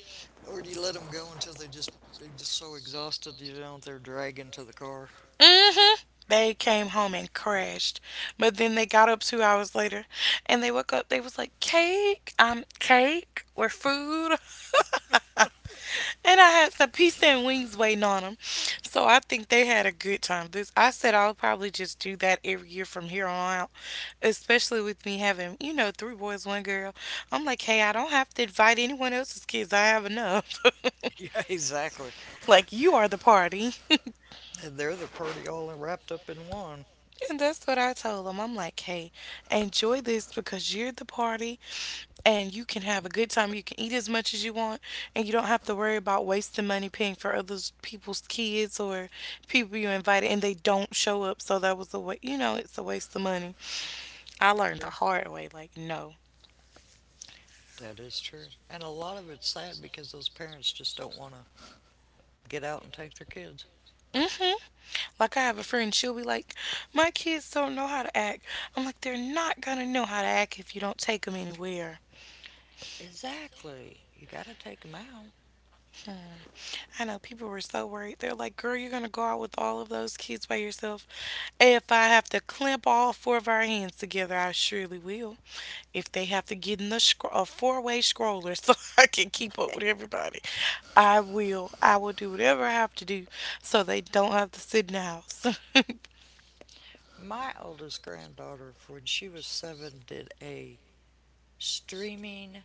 S2: Or do you let them go until they just they're just so exhausted, you know, they're dragging to the car.
S1: mm hmm They came home and crashed. But then they got up two hours later and they woke up. They was like, cake, um, cake or food. And I had some pizza and wings waiting on them. So I think they had a good time. This I said I'll probably just do that every year from here on out, especially with me having, you know, three boys, one girl. I'm like, hey, I don't have to invite anyone else's kids. I have enough.
S2: Yeah, exactly.
S1: Like, you are the party.
S2: And they're the party all wrapped up in one.
S1: And that's what I told them. I'm like, hey, enjoy this because you're the party. And you can have a good time. You can eat as much as you want, and you don't have to worry about wasting money paying for other people's kids or people you invited and they don't show up. So that was a way, you know, it's a waste of money. I learned the
S2: True.
S1: hard way, like, no.
S2: That is true. And a lot of it's sad because those parents just don't want to get out and take their kids.
S1: Mm-hmm. Like I have a friend, she'll be like, "My kids don't know how to act." I'm like, "They're not gonna know how to act if you don't take them anywhere."
S2: Exactly. You got to take them out.
S1: I know people were so worried. They're like, girl, you're going to go out with all of those kids by yourself. If I have to clamp all four of our hands together, I surely will. If they have to get in the scro- a four way scroller so I can keep up with everybody, I will. I will do whatever I have to do so they don't have to sit in the house.
S2: My oldest granddaughter, when she was seven, did a streaming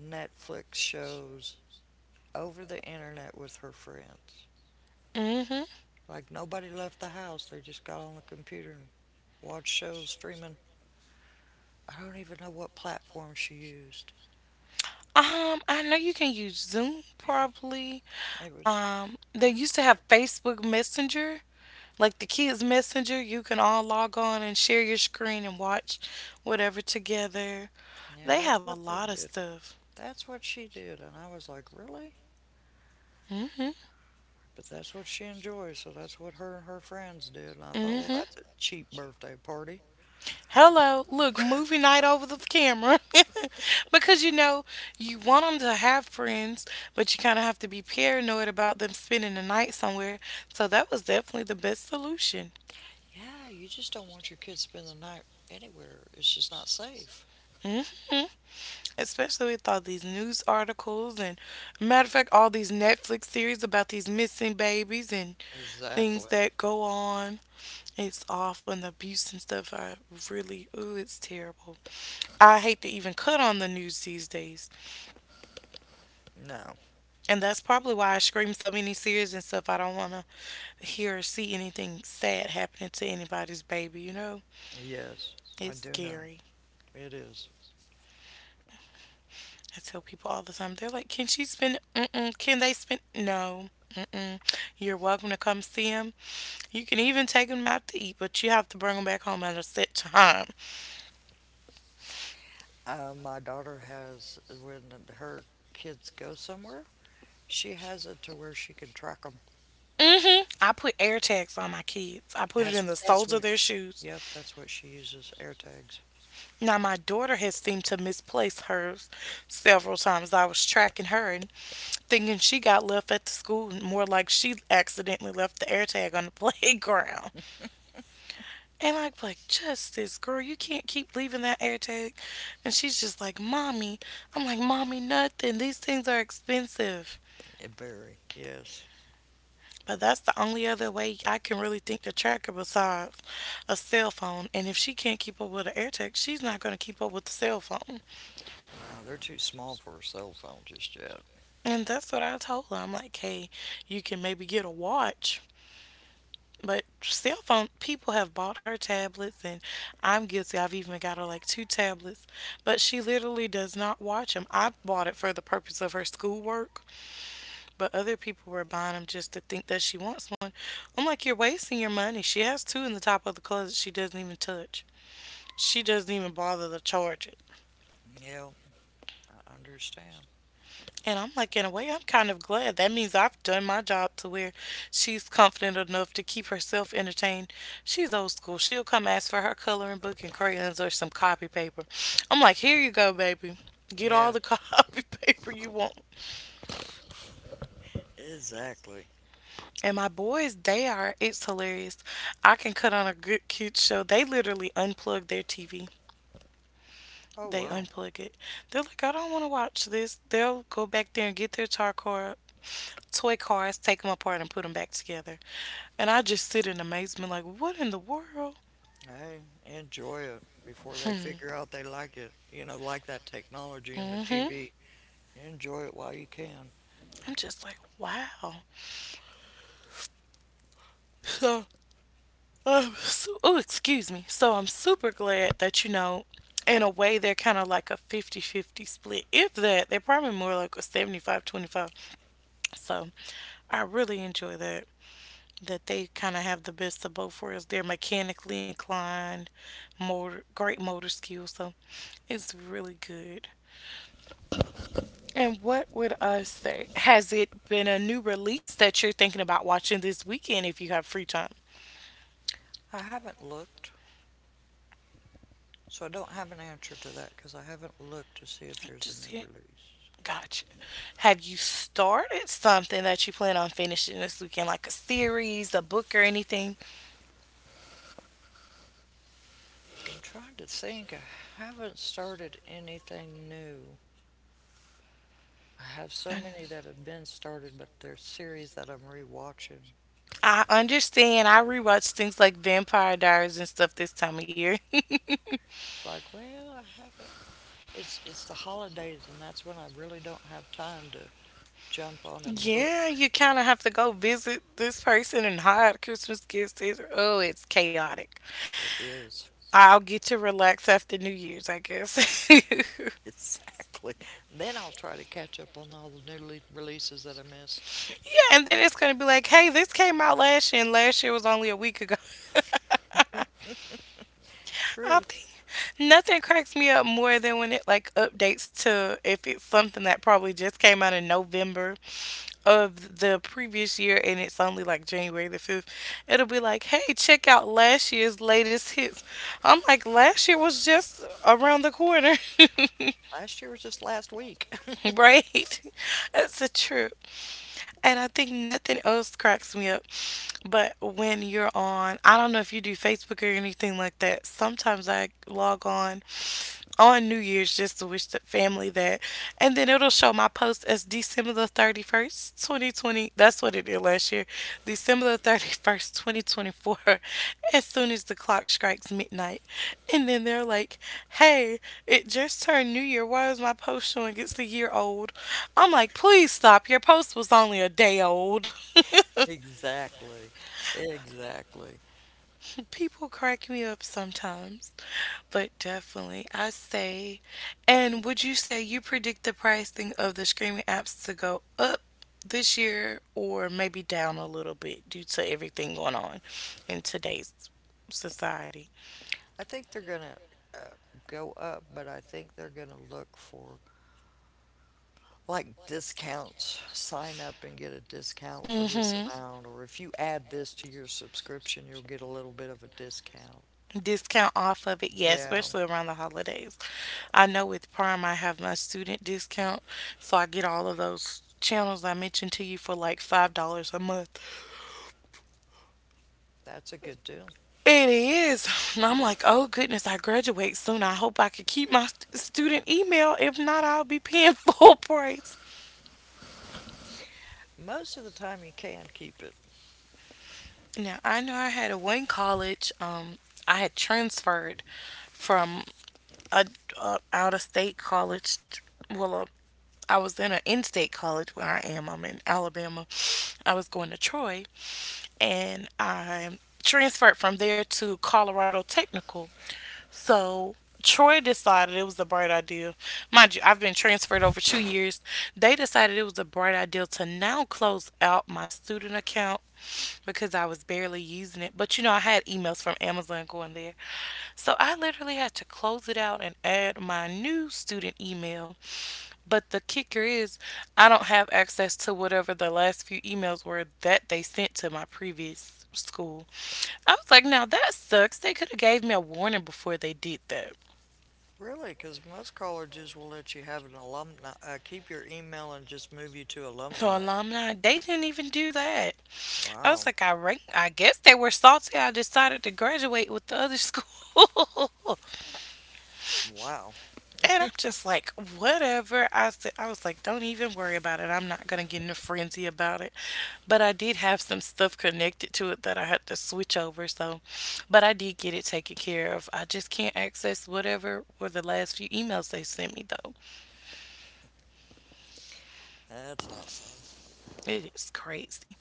S2: Netflix shows over the internet with her friends.
S1: hmm
S2: Like nobody left the house, they just got on the computer and watched shows streaming. I don't even know what platform she used.
S1: Um, I know you can use Zoom probably.
S2: It was,
S1: Um, they
S2: I'm not
S1: used to have Facebook Messenger. Like the kids' messenger, you can all log on and share your screen and watch whatever together.
S2: sure. Yeah,
S1: They
S2: that's
S1: have a
S2: what they
S1: lot of
S2: did.
S1: stuff.
S2: That's what she did. And I was like, really?
S1: Hmm
S2: But that's what she enjoys, so that's what her and her friends did. And I thought,
S1: mm
S2: well,
S1: hmm
S2: that's a cheap birthday party.
S1: Hello, look, movie night over the camera. Because you know, you want them to have friends, but you kind of have to be paranoid about them spending the night somewhere. So that was definitely the best solution.
S2: Yeah, you just don't want your kids to spend the night anywhere. It's just not safe.
S1: Hmm Especially with all these news articles and matter of fact all these Netflix series about these missing babies and
S2: Exactly.
S1: things that go on, it's awful, and the abuse and stuff, I really, ooh, it's terrible. I hate to even cut on the news these days,
S2: No.
S1: and that's probably why I scream so many series and stuff. I don't want to hear or see anything sad happening to anybody's baby, you know,
S2: Yes, I
S1: it's
S2: do know.
S1: scary.
S2: It is.
S1: I tell people all the time, they're like, can she spend— Mm-mm. Can they spend— no. Mm-mm. You're welcome to come see him. You can even take them out to eat, but you have to bring them back home at a set time.
S2: Uh, my daughter has, when her kids go somewhere, she has it to where she can track them.
S1: mm hmm I put air tags on my kids. I put it
S2: That's,
S1: in the
S2: that's
S1: soles of
S2: what,
S1: their shoes.
S2: yep, that's what she uses, air tags.
S1: Now my daughter has seemed to misplace hers several times. I was tracking her and thinking she got left at the school, more like she accidentally left the air tag on the playground. And I'm like, Justice, girl, you can't keep leaving that air tag. And she's just like, Mommy. I'm like, Mommy, nothing. These things are expensive.
S2: It very, yes.
S1: But that's the only other way I can really think to track her besides a cell phone. And if she can't keep up with the air tech, she's not going to keep up with the cell phone.
S2: No, they're too small for a cell phone just yet.
S1: And that's what I told her. I'm like, hey, you can maybe get a watch. But cell phone people have bought her tablets, and I'm guilty. I've even got her like two tablets, but she literally does not watch them. I bought it for the purpose of her schoolwork, but other people were buying them just to think that she wants one. I'm like, you're wasting your money. She has two in the top of the closet she doesn't even touch. She doesn't even bother to charge it.
S2: Yeah, I understand.
S1: And I'm like, in a way, I'm kind of glad. That means I've done my job to where she's confident enough to keep herself entertained. She's old school. She'll come ask for her coloring book and crayons or some copy paper. I'm like, here you go, baby. Get all
S2: Yeah,
S1: the copy paper you want.
S2: exactly.
S1: And my boys, they are, it's hilarious. I can cut on a good kid show. They literally unplug their T V.
S2: Oh,
S1: They
S2: wow.
S1: unplug it. They're like, I don't want to watch this. They'll go back there and get their toy car, toy cars, take them apart, and put them back together. And I just sit in amazement, like, what in the world?
S2: Hey, enjoy it before they
S1: Hmm.
S2: figure out they like it. You know, like that technology and the
S1: Mm-hmm.
S2: T V. Enjoy it while you can.
S1: I'm just like, wow. So, um, so oh, excuse me. So I'm super glad that, you know, in a way, they're kind of like a fifty fifty split. If that, they're probably more like a seventy-five twenty-five. So I really enjoy that. that they kind of have the best of both worlds. They're mechanically inclined, motor, great motor skills, so it's really good. And what would I say? Has it been a new release that you're thinking about watching this weekend if you have free time?
S2: I haven't looked, so I don't have an answer to that because I haven't looked to see if there's a
S1: Just
S2: new
S1: yet.
S2: release.
S1: Gotcha. Have you started something that you plan on finishing this weekend, like a series, a book, or anything?
S2: I'm trying to think. I haven't started anything new. I have so many that have been started, but there's series that I'm rewatching.
S1: I understand. I rewatch things like Vampire Diaries and stuff this time of year.
S2: It's like, well, I haven't It's it's the holidays, and that's when I really don't have time to jump on and look.
S1: Yeah, you kind of have to go visit this person and hide Christmas gifts. It's, oh, it's chaotic.
S2: It is.
S1: I'll get to relax after New Year's, I guess. Yeah,
S2: Exactly. Then I'll try to catch up on all the new le releases that I missed.
S1: and then it's going to be like, hey, this came out last year, and last year was only a week ago. I
S2: True.
S1: think nothing cracks me up more than when it like updates to if it's something that probably just came out in November of the previous year and it's only like January the fifth. It'll be like, hey, check out last year's latest hits. I'm like, last year was just around the corner,
S2: Last year was just last week.
S1: right? That's a trip. And I think nothing else cracks me up. But when you're on, I don't know if you do Facebook or anything like that. Sometimes I log on on New Year's just to wish the family that. And then it'll show my post as December the thirty-first, twenty twenty. That's what it did last year. December the thirty-first, twenty twenty-four. As soon as the clock strikes midnight. And then they're like, hey, it just turned New Year. Why is my post showing it's a year old? I'm like, please stop. Your post was only a day old.
S2: Exactly. Exactly.
S1: People crack me up sometimes, but definitely I say. And would you say you predict the pricing of the streaming apps to go up this year or maybe down a little bit due to everything going on in today's society?
S2: I think they're gonna uh, go up, but I think they're gonna look for like discounts. Sign up and get a discount for
S1: Mm
S2: this
S1: hmm.
S2: amount, or if you add this to your subscription, you'll get a little bit of a discount.
S1: Discount off of it, yeah,
S2: Yeah,
S1: especially around the holidays.
S2: yeah,
S1: I know with Prime I have my student discount, so I get all of those channels I mentioned to you for like five dollars a month.
S2: that's a good deal.
S1: It is. And I'm like, oh goodness, I graduate soon, I hope I could keep my st- student email. If not, I'll be paying full price.
S2: Most of the time, you can keep it.
S1: Now I know I had a one college, um I had transferred from a, a out of state college t- well I was in an in-state college where I am. I'm in Alabama. I was going to Troy, and I transferred from there to Colorado Technical. So Troy decided it was a bright idea. Mind you, I've been transferred over two years. They decided it was a bright idea to now close out my student account because I was barely using it. But you know, I had emails from Amazon going there. So I literally had to close it out and add my new student email. But the kicker is, I don't have access to whatever the last few emails were that they sent to my previous school. I was like, now that sucks. They could have gave me a warning before they did that.
S2: Really, because most colleges will let you have an alumni, uh, keep your email and just move you to
S1: So
S2: alumni.
S1: alumni, they didn't even do that. I was
S2: Wow,
S1: like, I rank, I guess they were salty I decided to graduate with the other school.
S2: wow,
S1: And I'm just like, whatever. I said, I was like, don't even worry about it. I'm not gonna get in a frenzy about it. But I did have some stuff connected to it that I had to switch over. So, but I did get it taken care of. I just can't access whatever were the last few emails they sent me though.
S2: that's not fun.
S1: It is crazy.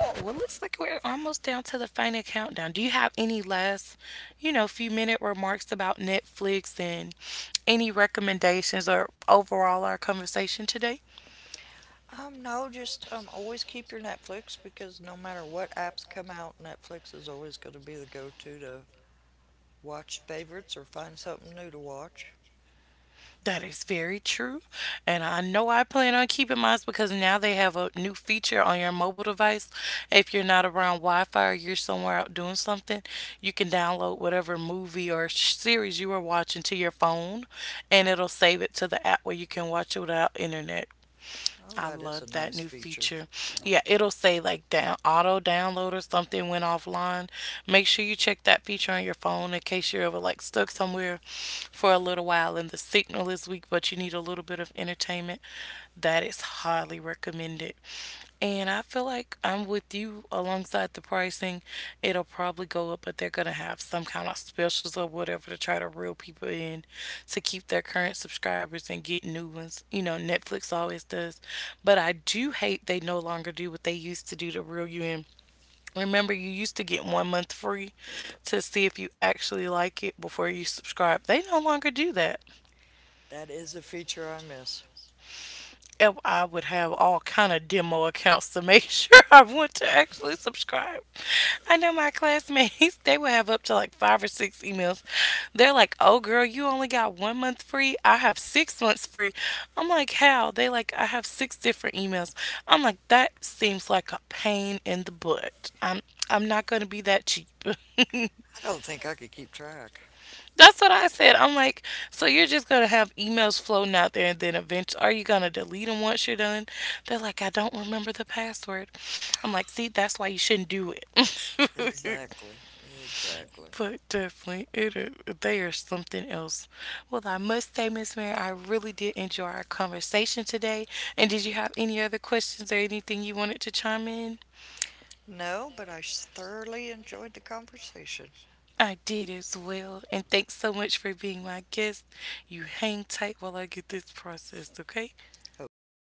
S1: Oh, well, looks like we're almost down to the final countdown. Do you have any last, you know, few minute remarks about Netflix and any recommendations or overall our conversation today?
S2: Um, no, just um, always keep your Netflix because no matter what apps come out, Netflix is always going to be the go-to to watch favorites or find something new to watch.
S1: That is very true. And I know I plan on keeping mine because now they have a new feature on your mobile device. If you're not around Wi Fi or you're somewhere out doing something, you can download whatever movie or sh- series you are watching to your phone and it'll save it to the app where you can watch it without internet.
S2: Oh,
S1: I
S2: that is a
S1: love that
S2: nice
S1: new
S2: feature.
S1: feature. Yeah, it'll say like down auto download or something went offline. Make sure you check that feature on your phone in case you're ever like stuck somewhere for a little while and the signal is weak, but you need a little bit of entertainment. That is highly recommended. And I feel like I'm with you alongside the pricing. It'll probably go up, but they're going to have some kind of specials or whatever to try to reel people in to keep their current subscribers and get new ones. You know, Netflix always does. But I do hate they no longer do what they used to do to reel you in. Remember, you used to get one month free to see if you actually like it before you subscribe. They no longer do that.
S2: That is a feature I miss.
S1: ev- I would have all kind of demo accounts to make sure I want to actually subscribe. I know my classmates; they would have up to like five or six emails. They're like, "Oh, girl, you only got one month free. I have six months free." I'm like, "How?" They like, "I have six different emails." I'm like, "That seems like a pain in the butt. I'm I'm not gonna be that cheap."
S2: I don't think I could keep track.
S1: That's what I said. I'm like, so you're just gonna have emails floating out there, and then eventually, are you gonna delete them once you're done? They're like, I don't remember the password. I'm like, see, that's why you shouldn't do it.
S2: Exactly. Exactly.
S1: But definitely, it is, they are something else. Well, I must say, Miss Mary, I really did enjoy our conversation today. And did you have any other questions or anything you wanted to chime in?
S2: No, but I s- thoroughly enjoyed the conversation.
S1: I did as well. And thanks so much for being my guest. You hang tight while I get this processed, okay?
S2: Okay.